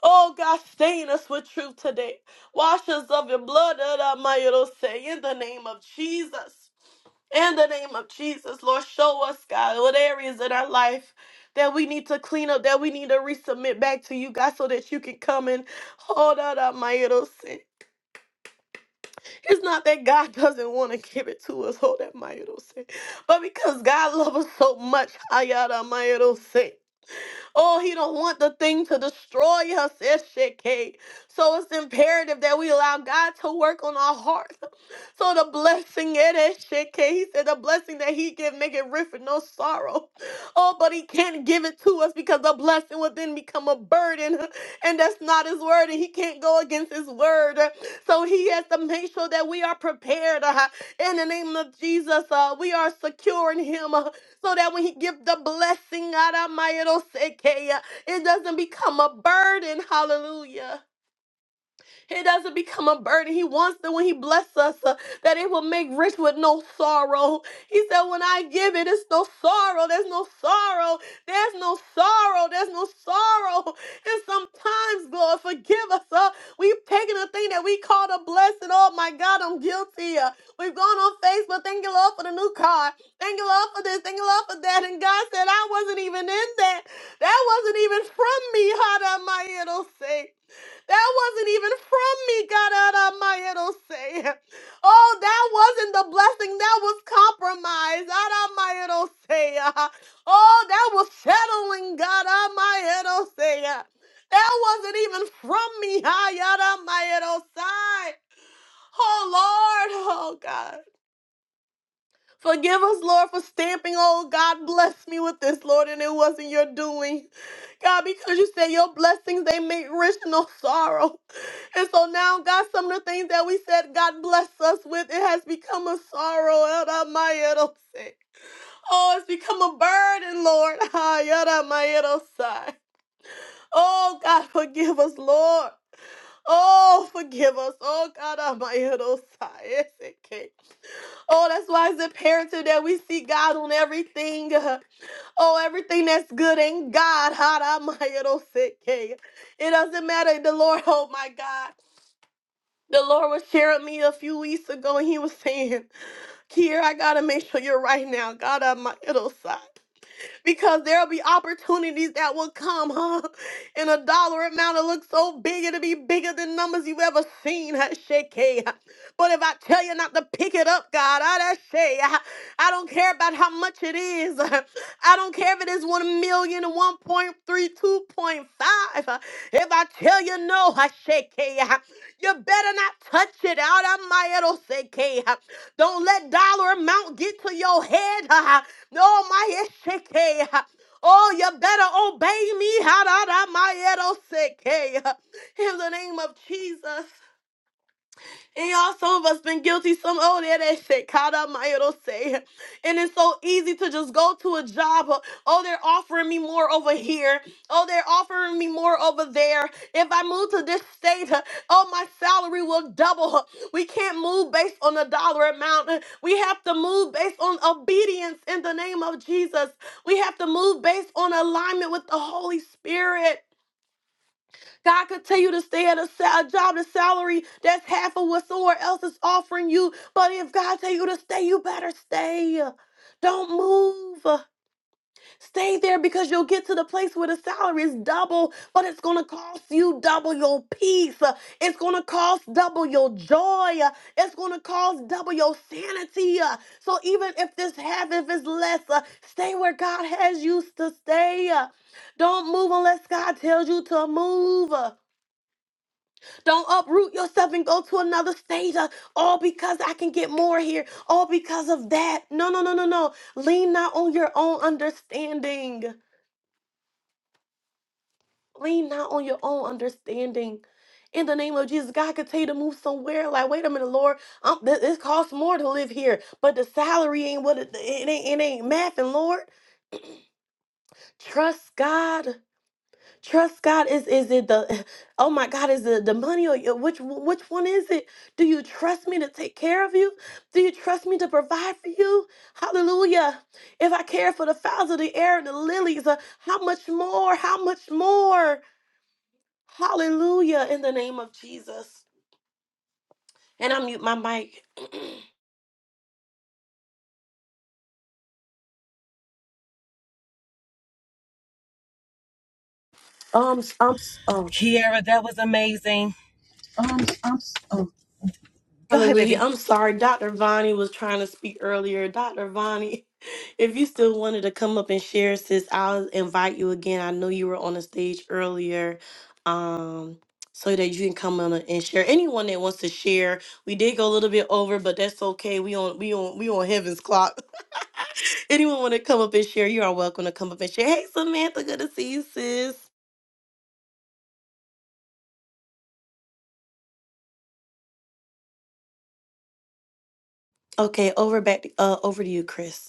A: Oh God, stain us with truth today. Wash us of your blood, say in the name of Jesus. In the name of Jesus, Lord, show us, God, what areas in our life that we need to clean up, that we need to resubmit back to you, God, so that you can come and hold out our say. It's not that God doesn't want to give it to us, hold that say. But because God loves us so much, ayada say. Oh, he don't want the thing to destroy us. It's shit, Kate. So it's imperative that we allow God to work on our hearts. So the blessing it is shit, Kate. He said the blessing that he give make it rich with no sorrow. Oh, but he can't give it to us because the blessing would then become a burden. And that's not his word. And he can't go against his word. So he has to make sure that we are prepared. uh, in the name of Jesus, uh, we are secure in Him so that when he give the blessing, aramayeroseke, it doesn't become a burden. Hallelujah. It doesn't become a burden. He wants that when He blesses us, uh, that it will make rich with no sorrow. He said, When I give it, it's no sorrow. There's no sorrow. There's no sorrow. There's no sorrow. And sometimes, Lord, forgive us. Uh, we've taken a thing that we called a blessing. Oh my God, I'm guilty. Uh, we've gone on Facebook. Thank you, Lord, for the new car. Thank you, Lord, for this. Thank you, Lord, for that. And God said, I wasn't even in that. That wasn't even from me. How am I? It'll say. That wasn't even from me, God. out of my head, oh, Oh, that wasn't the blessing. That was compromise. Out of my head, oh, Oh, that was settling, God. out of my head, oh, That wasn't even from me. Hi, out my head, oh, Oh, Lord. Oh, God. Forgive us, Lord, for stamping. Oh, God, bless me with this, Lord, and it wasn't your doing. God, because you said your blessings, they make rich no sorrow. And so now, God, some of the things that we said God bless us with, it has become a sorrow. Yadamayadosi. Oh, it's become a burden, Lord. Ah, yadamayadosi. Oh, God, forgive us, Lord. Oh, forgive us. Oh, God, yadamayadosi. Oh, that's why it's imperative that we see God on everything. Oh, everything that's good ain't God. It doesn't matter. The Lord, oh my God. The Lord was sharing me a few weeks ago and he was saying, Here, I gotta make sure you're right now. God on my side because there'll be opportunities that will come, huh? In a dollar amount, it looks so big, it'll be bigger than numbers you've ever seen, huh? Shake. hey, huh? But if I tell you not to pick it up, God, I that say, I, I don't care about how much it is. I don't care if it is one million, one point three, two point five. huh? If I tell you no, I shake. hey, huh? You better not touch it out of my it'll say, Don't let dollar amount get to your head. No, my shake. Oh, you better obey me. Ha da da, my seke. In the name of Jesus. And y'all, some of us been guilty. Some oh there they say, Kada Mayoro say. And it's so easy to just go to a job. uh, Oh, they're offering me more over here. Oh, they're offering me more over there. If I move to this state, uh, oh my salary will double. Uh, We can't move based on a dollar amount. Uh, We have to move based on obedience in the name of Jesus. We have to move based on alignment with the Holy Spirit. God continue to stay at a, sa- a job, the salary that's half of what someone else is offering you. But if God tell you to stay, you better stay. Don't move. Stay there because you'll get to the place where the salary is double, but it's going to cost you double your peace. It's going to cost double your joy. It's going to cost double your sanity. So even if this half, if it's less, uh, stay where God has you to stay. Don't move unless God tells you to move. Don't uproot yourself and go to another stage. uh, all because I can get more here. All because of that. No, no, no, no, no. Lean not on your own understanding. Lean not on your own understanding. In the name of Jesus, God could tell you to move somewhere. Like, wait a minute, Lord, um, th- it costs more to live here, but the salary ain't what it, it ain't. It ain't mathing, Lord. Trust God. Trust God is is it the oh my God is it the money or your- which which one is it? Do you trust me to take care of you? Do you trust me to provide for you? Hallelujah! If I care for the fowls of the air and the lilies, uh, how much more? How much more? Hallelujah! In the name of Jesus, and I mute my mic. um, I'm,
B: Kiara, that was amazing. Go ahead,
A: Hallelujah.
B: baby.
A: I'm sorry. Dr. Vonnie was trying to speak earlier. Dr. Vonnie, if you still wanted to come up and share, sis, I'll invite you again. I know you were on the stage earlier. Um, so that you can come on and share. Anyone that wants to share, we did go a little bit over, but that's okay. We on we on we on heaven's clock. Anyone want to come up and share? You are welcome to come up and share. Hey Samantha, good to see you, sis. Okay, over back uh over to you, Chris.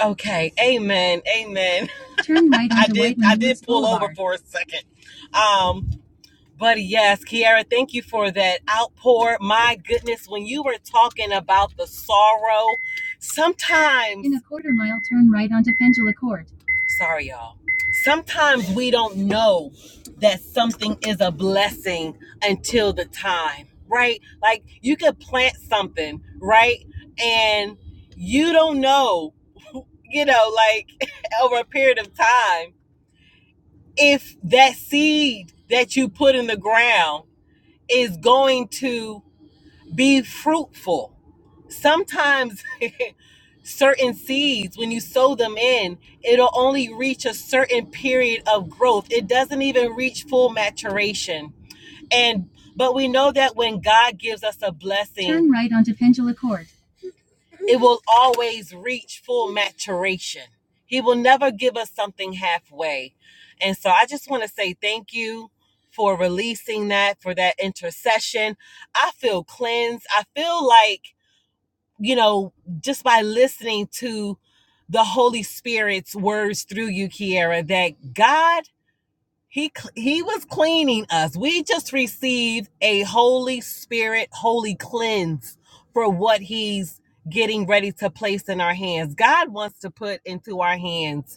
B: Okay. Amen. Amen. Turn right I did I did pull over for a second. Um. But yes, Kiara, thank you for that outpour. My goodness, when you were talking about the sorrow, sometimes. In a quarter mile, turn right onto Pendula Court. Sorry, y'all. Sometimes we don't know that something is a blessing until the time, right? Like you could plant something, right? And you don't know, you know, like over a period of time, if that seed that you put in the ground is going to be fruitful. Sometimes certain seeds, when you sow them in, it'll only reach a certain period of growth. It doesn't even reach full maturation. And but we know that when God gives us a blessing, turn right onto Pendula Court it will always reach full maturation. He will never give us something halfway. And so I just want to say thank you for releasing that, for that intercession. I feel cleansed. I feel like, you know, just by listening to the Holy Spirit's words through you, Kiara, that God he he was cleaning us. We just received a Holy Spirit holy cleanse for what he's getting ready to place in our hands. God wants to put into our hands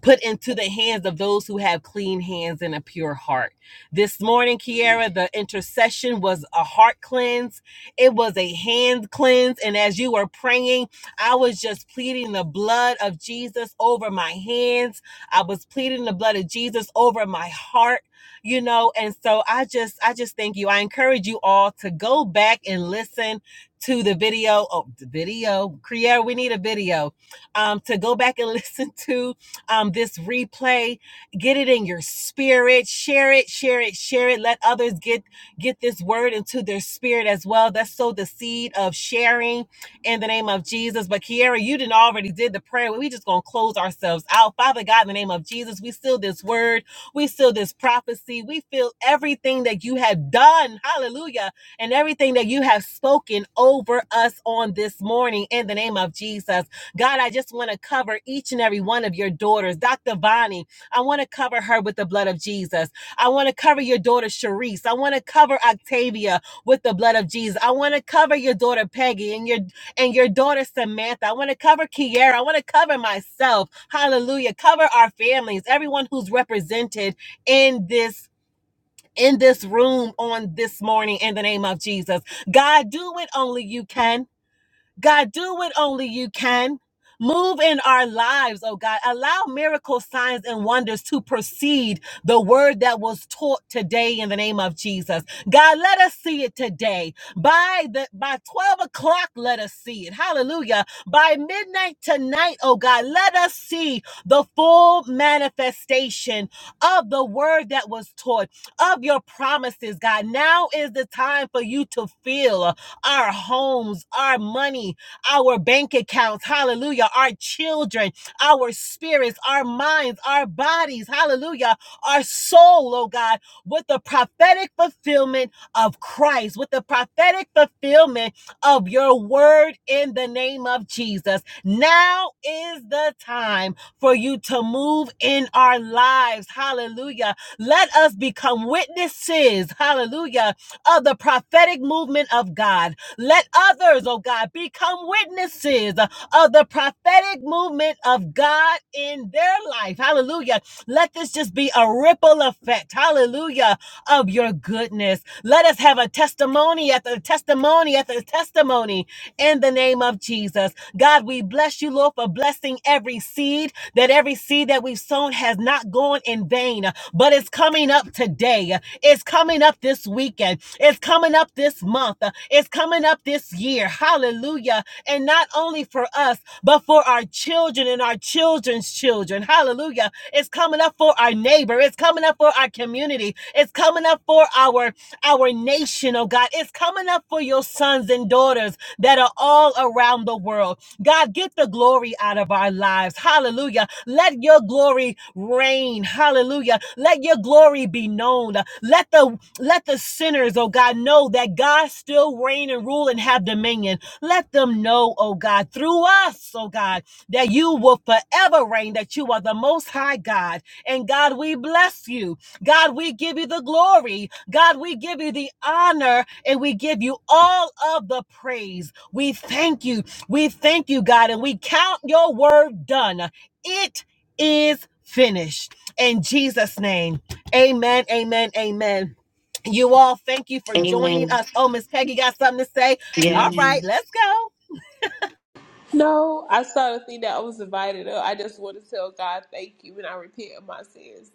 B: put into the hands of those who have clean hands and a pure heart. This morning, Kiara, the intercession was a heart cleanse, it was a hand cleanse. And as you were praying, I was just pleading the blood of Jesus over my hands, I was pleading the blood of Jesus over my heart you know and so i just i just thank you i encourage you all to go back and listen to the video oh the video Kiara, we need a video um to go back and listen to um, this replay. Get it in your spirit. Share it, share it, share it. Let others get get this word into their spirit as well. That's so the seed of sharing in the name of Jesus. But Kiara, you didn't already did the prayer. We just gonna close ourselves out. Father God, in the name of Jesus, we seal this word, we seal this prophecy, we feel everything that you have done, hallelujah, and everything that you have spoken over us on this morning in the name of Jesus. God, I just want to cover each and every one of your daughters. Dr. Bonnie, I want to cover her with the blood of Jesus. I want to cover your daughter, Sharice. I want to cover Octavia with the blood of Jesus. I want to cover your daughter, Peggy, and your and your daughter Samantha. I want to cover Kiara. I want to cover myself. Hallelujah. Cover our families, everyone who's represented in this in this room on this morning in the name of Jesus. God, do what only you can. God, do what only you can. Move in our lives, oh God. Allow miracle signs and wonders to precede the word that was taught today in the name of Jesus. God, let us see it today. By the by 12 o'clock, let us see it. Hallelujah. By midnight tonight, oh God, let us see the full manifestation of the word that was taught, of your promises, God. Now is the time for you to feel our homes, our money, our bank accounts, hallelujah, our children, our spirits, our minds, our bodies, hallelujah, our soul, oh God, with the prophetic fulfillment of Christ, with the prophetic fulfillment of your word in the name of Jesus. Now is the time for you to move in our lives, hallelujah. Let us become witnesses, hallelujah, of the prophetic movement of God. Let others, oh God, become witnesses of the prophetic movement of God in their life. Hallelujah. Let this just be a ripple effect. Hallelujah. Of your goodness. Let us have a testimony after testimony after testimony in the name of Jesus. God, we bless you, Lord, for blessing every seed, that every seed that we've sown has not gone in vain, but it's coming up today. It's coming up this weekend. It's coming up this month. It's coming up this year. Hallelujah. And not only for us, but for our children and our children's children. Hallelujah. It's coming up for our neighbor. It's coming up for our community. It's coming up for our our nation, oh God. It's coming up for your sons and daughters that are all around the world. God, get the glory out of our lives. Hallelujah. Let your glory reign. Hallelujah. Let your glory be known. Let the let the sinners, oh God, know that God still reign and rule and have dominion. Let them know, oh God, through us, oh God, that you will forever reign, that you are the most high God. And God, we bless you. God, we give you the glory. God, we give you the honor and we give you all of the praise. We thank you. We thank you, God, and we count your word done. It is finished. In Jesus' name, amen, amen, amen. You all, thank you for joining
A: Amen.
B: us. Oh, Miss Peggy got something to say. All right,
A: Yes.
B: right, let's go.
C: No, I saw the thing that I was invited up. I just want to tell God thank you and I repent of my sins.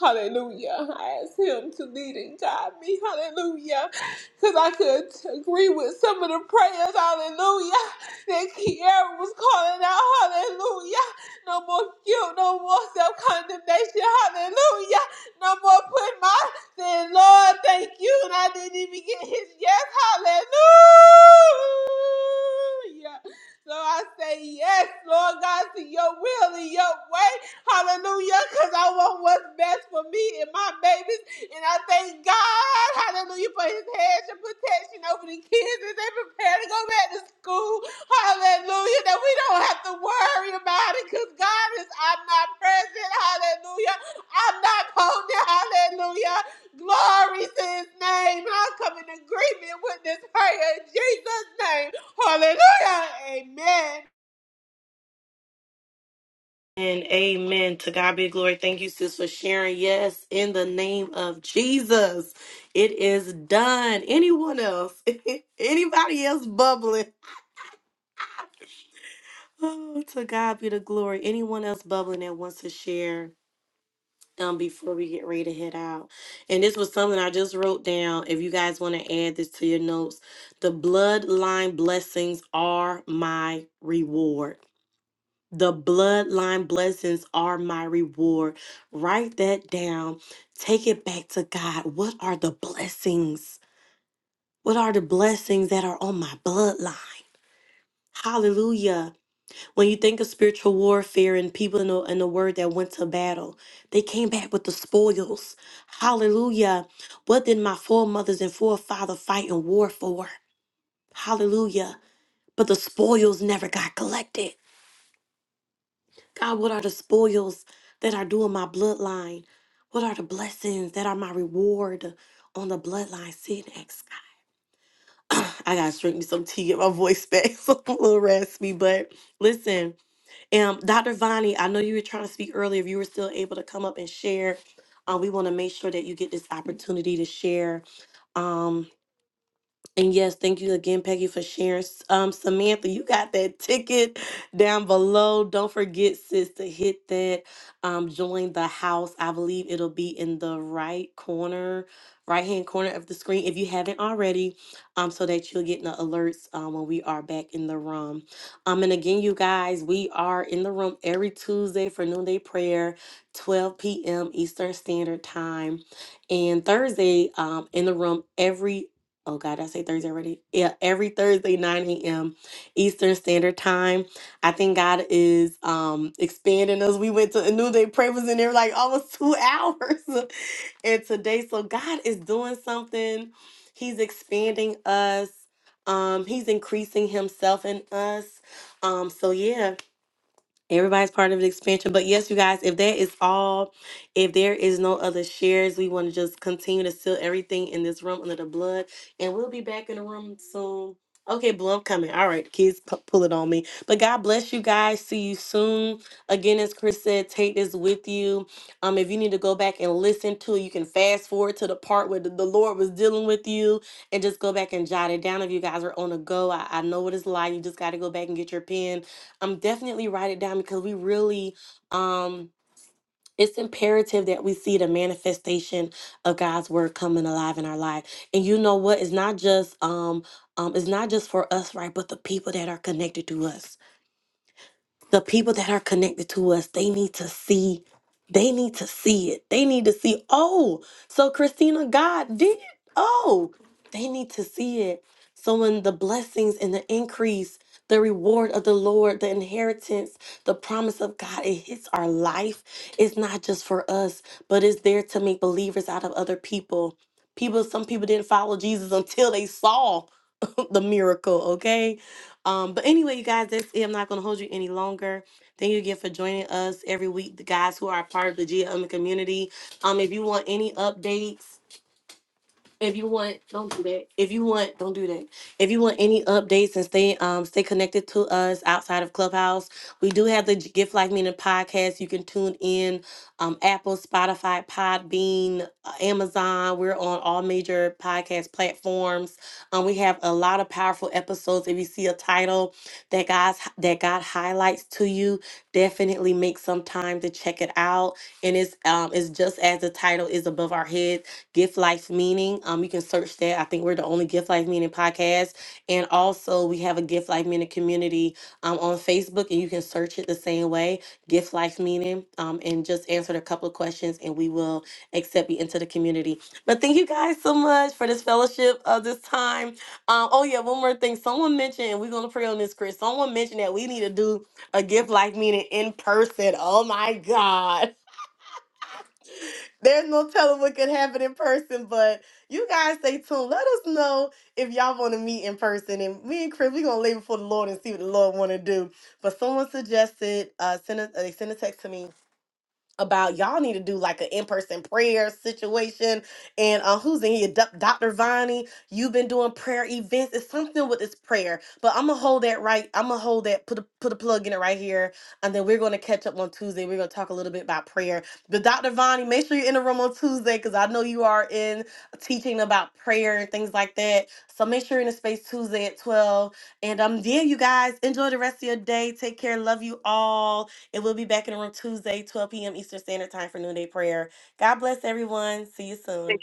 C: Hallelujah. I ask Him to lead and guide me. Hallelujah. Because I could agree with some of the prayers. Hallelujah. That Kiara was calling out. Hallelujah. No more guilt. No more self condemnation. Hallelujah. No more putting my saying, Lord, thank you. And I didn't even get his yes. Hallelujah. So I say, Yes, Lord God, to your will and your way. Hallelujah. Because I want what's best for me and my babies. And I thank God, hallelujah, for his hedge of protection over the kids as they prepare to go back to school. Hallelujah. That we don't have to worry about it because God is, I'm not present. Hallelujah. I'm not potent. Hallelujah. Glory to his name. And I come in agreement with this prayer in Jesus' name. Hallelujah. Amen.
A: And amen. To God be glory. Thank you, sis, for sharing. Yes, in the name of Jesus, it is done. Anyone else? Anybody else bubbling? Oh, to God be the glory. Anyone else bubbling that wants to share um before we get ready to head out? And this was something I just wrote down. If you guys want to add this to your notes, the bloodline blessings are my reward. The bloodline blessings are my reward. Write that down. Take it back to God. What are the blessings? What are the blessings that are on my bloodline? Hallelujah. When you think of spiritual warfare and people in the, in the word that went to battle, they came back with the spoils. Hallelujah. What did my foremothers and forefather fight in war for? Hallelujah. But the spoils never got collected. God, what are the spoils that are due in my bloodline? What are the blessings that are my reward on the bloodline? Sit next, God. I gotta drink me some tea, get my voice back. So I'm a little raspy, but listen, um, Dr. Vonnie, I know you were trying to speak earlier. If you were still able to come up and share, uh, we want to make sure that you get this opportunity to share. Um. And yes, thank you again, Peggy, for sharing. Um, Samantha, you got that ticket down below. Don't forget, sis, to hit that. Um, join the house. I believe it'll be in the right corner, right hand corner of the screen if you haven't already, um, so that you'll get the alerts um, when we are back in the room. Um, and again, you guys, we are in the room every Tuesday for noonday prayer, 12 p.m. Eastern Standard Time and Thursday um, in the room every oh god, did I say Thursday already? Yeah, every Thursday, 9 a.m. Eastern Standard Time. I think God is um expanding us. We went to a new day prayer was in there like almost two hours. and today, so God is doing something. He's expanding us. Um, he's increasing himself in us. Um, so yeah. Everybody's part of the expansion. But yes, you guys, if that is all, if there is no other shares, we want to just continue to seal everything in this room under the blood. And we'll be back in the room soon. Okay, Blum coming. All right, kids, pu- pull it on me. But God bless you guys. See you soon. Again, as Chris said, take this with you. Um, if you need to go back and listen to it, you can fast forward to the part where the, the Lord was dealing with you and just go back and jot it down. If you guys are on the go, I, I know what it's like. You just got to go back and get your pen I'm definitely write it down because we really um it's imperative that we see the manifestation of God's word coming alive in our life. And you know what? It's not just um um it's not just for us, right, but the people that are connected to us the people that are connected to us they need to see they need to see it they need to see oh so christina god did it. oh they need to see it so when the blessings and the increase the reward of the lord the inheritance the promise of god it hits our life it's not just for us but it's there to make believers out of other people people some people didn't follow jesus until they saw the miracle okay um, but anyway, you guys, that's it. I'm not going to hold you any longer. Thank you again for joining us every week, the guys who are a part of the GM community. Um, if you want any updates, if you want, don't do that. If you want, don't do that. If you want any updates and stay um stay connected to us outside of Clubhouse, we do have the G- Gift Like Meaning podcast. You can tune in um Apple, Spotify, Podbean, uh, Amazon. We're on all major podcast platforms. Um, we have a lot of powerful episodes. If you see a title that guys that God highlights to you, definitely make some time to check it out. And it's um it's just as the title is above our heads Gift Life Meaning. Um, you can search that. I think we're the only Gift Life Meaning podcast. And also, we have a Gift Life Meaning community um, on Facebook, and you can search it the same way Gift Life Meaning. Um, and just answer a couple of questions, and we will accept you into the community. But thank you guys so much for this fellowship of this time. Um, oh, yeah, one more thing. Someone mentioned, and we're going to pray on this, Chris. Someone mentioned that we need to do a gift life meeting in person. Oh, my God. There's no telling what could happen in person, but you guys stay tuned. Let us know if y'all want to meet in person. And me and Chris, we're gonna lay before the Lord and see what the Lord wanna do. But someone suggested, uh send a, they sent a text to me about y'all need to do like an in-person prayer situation and uh who's in here Doc- dr Vonnie, you've been doing prayer events it's something with this prayer but i'm gonna hold that right i'm gonna hold that put a put a plug in it right here and then we're gonna catch up on tuesday we're gonna talk a little bit about prayer but dr Vonnie, make sure you're in the room on tuesday because i know you are in uh, teaching about prayer and things like that so make sure you're in the space tuesday at 12 and um yeah you guys enjoy the rest of your day take care love you all and we'll be back in the room Tuesday, 12 p.m. Eastern Standard Time for noonday prayer. God bless everyone. See you soon.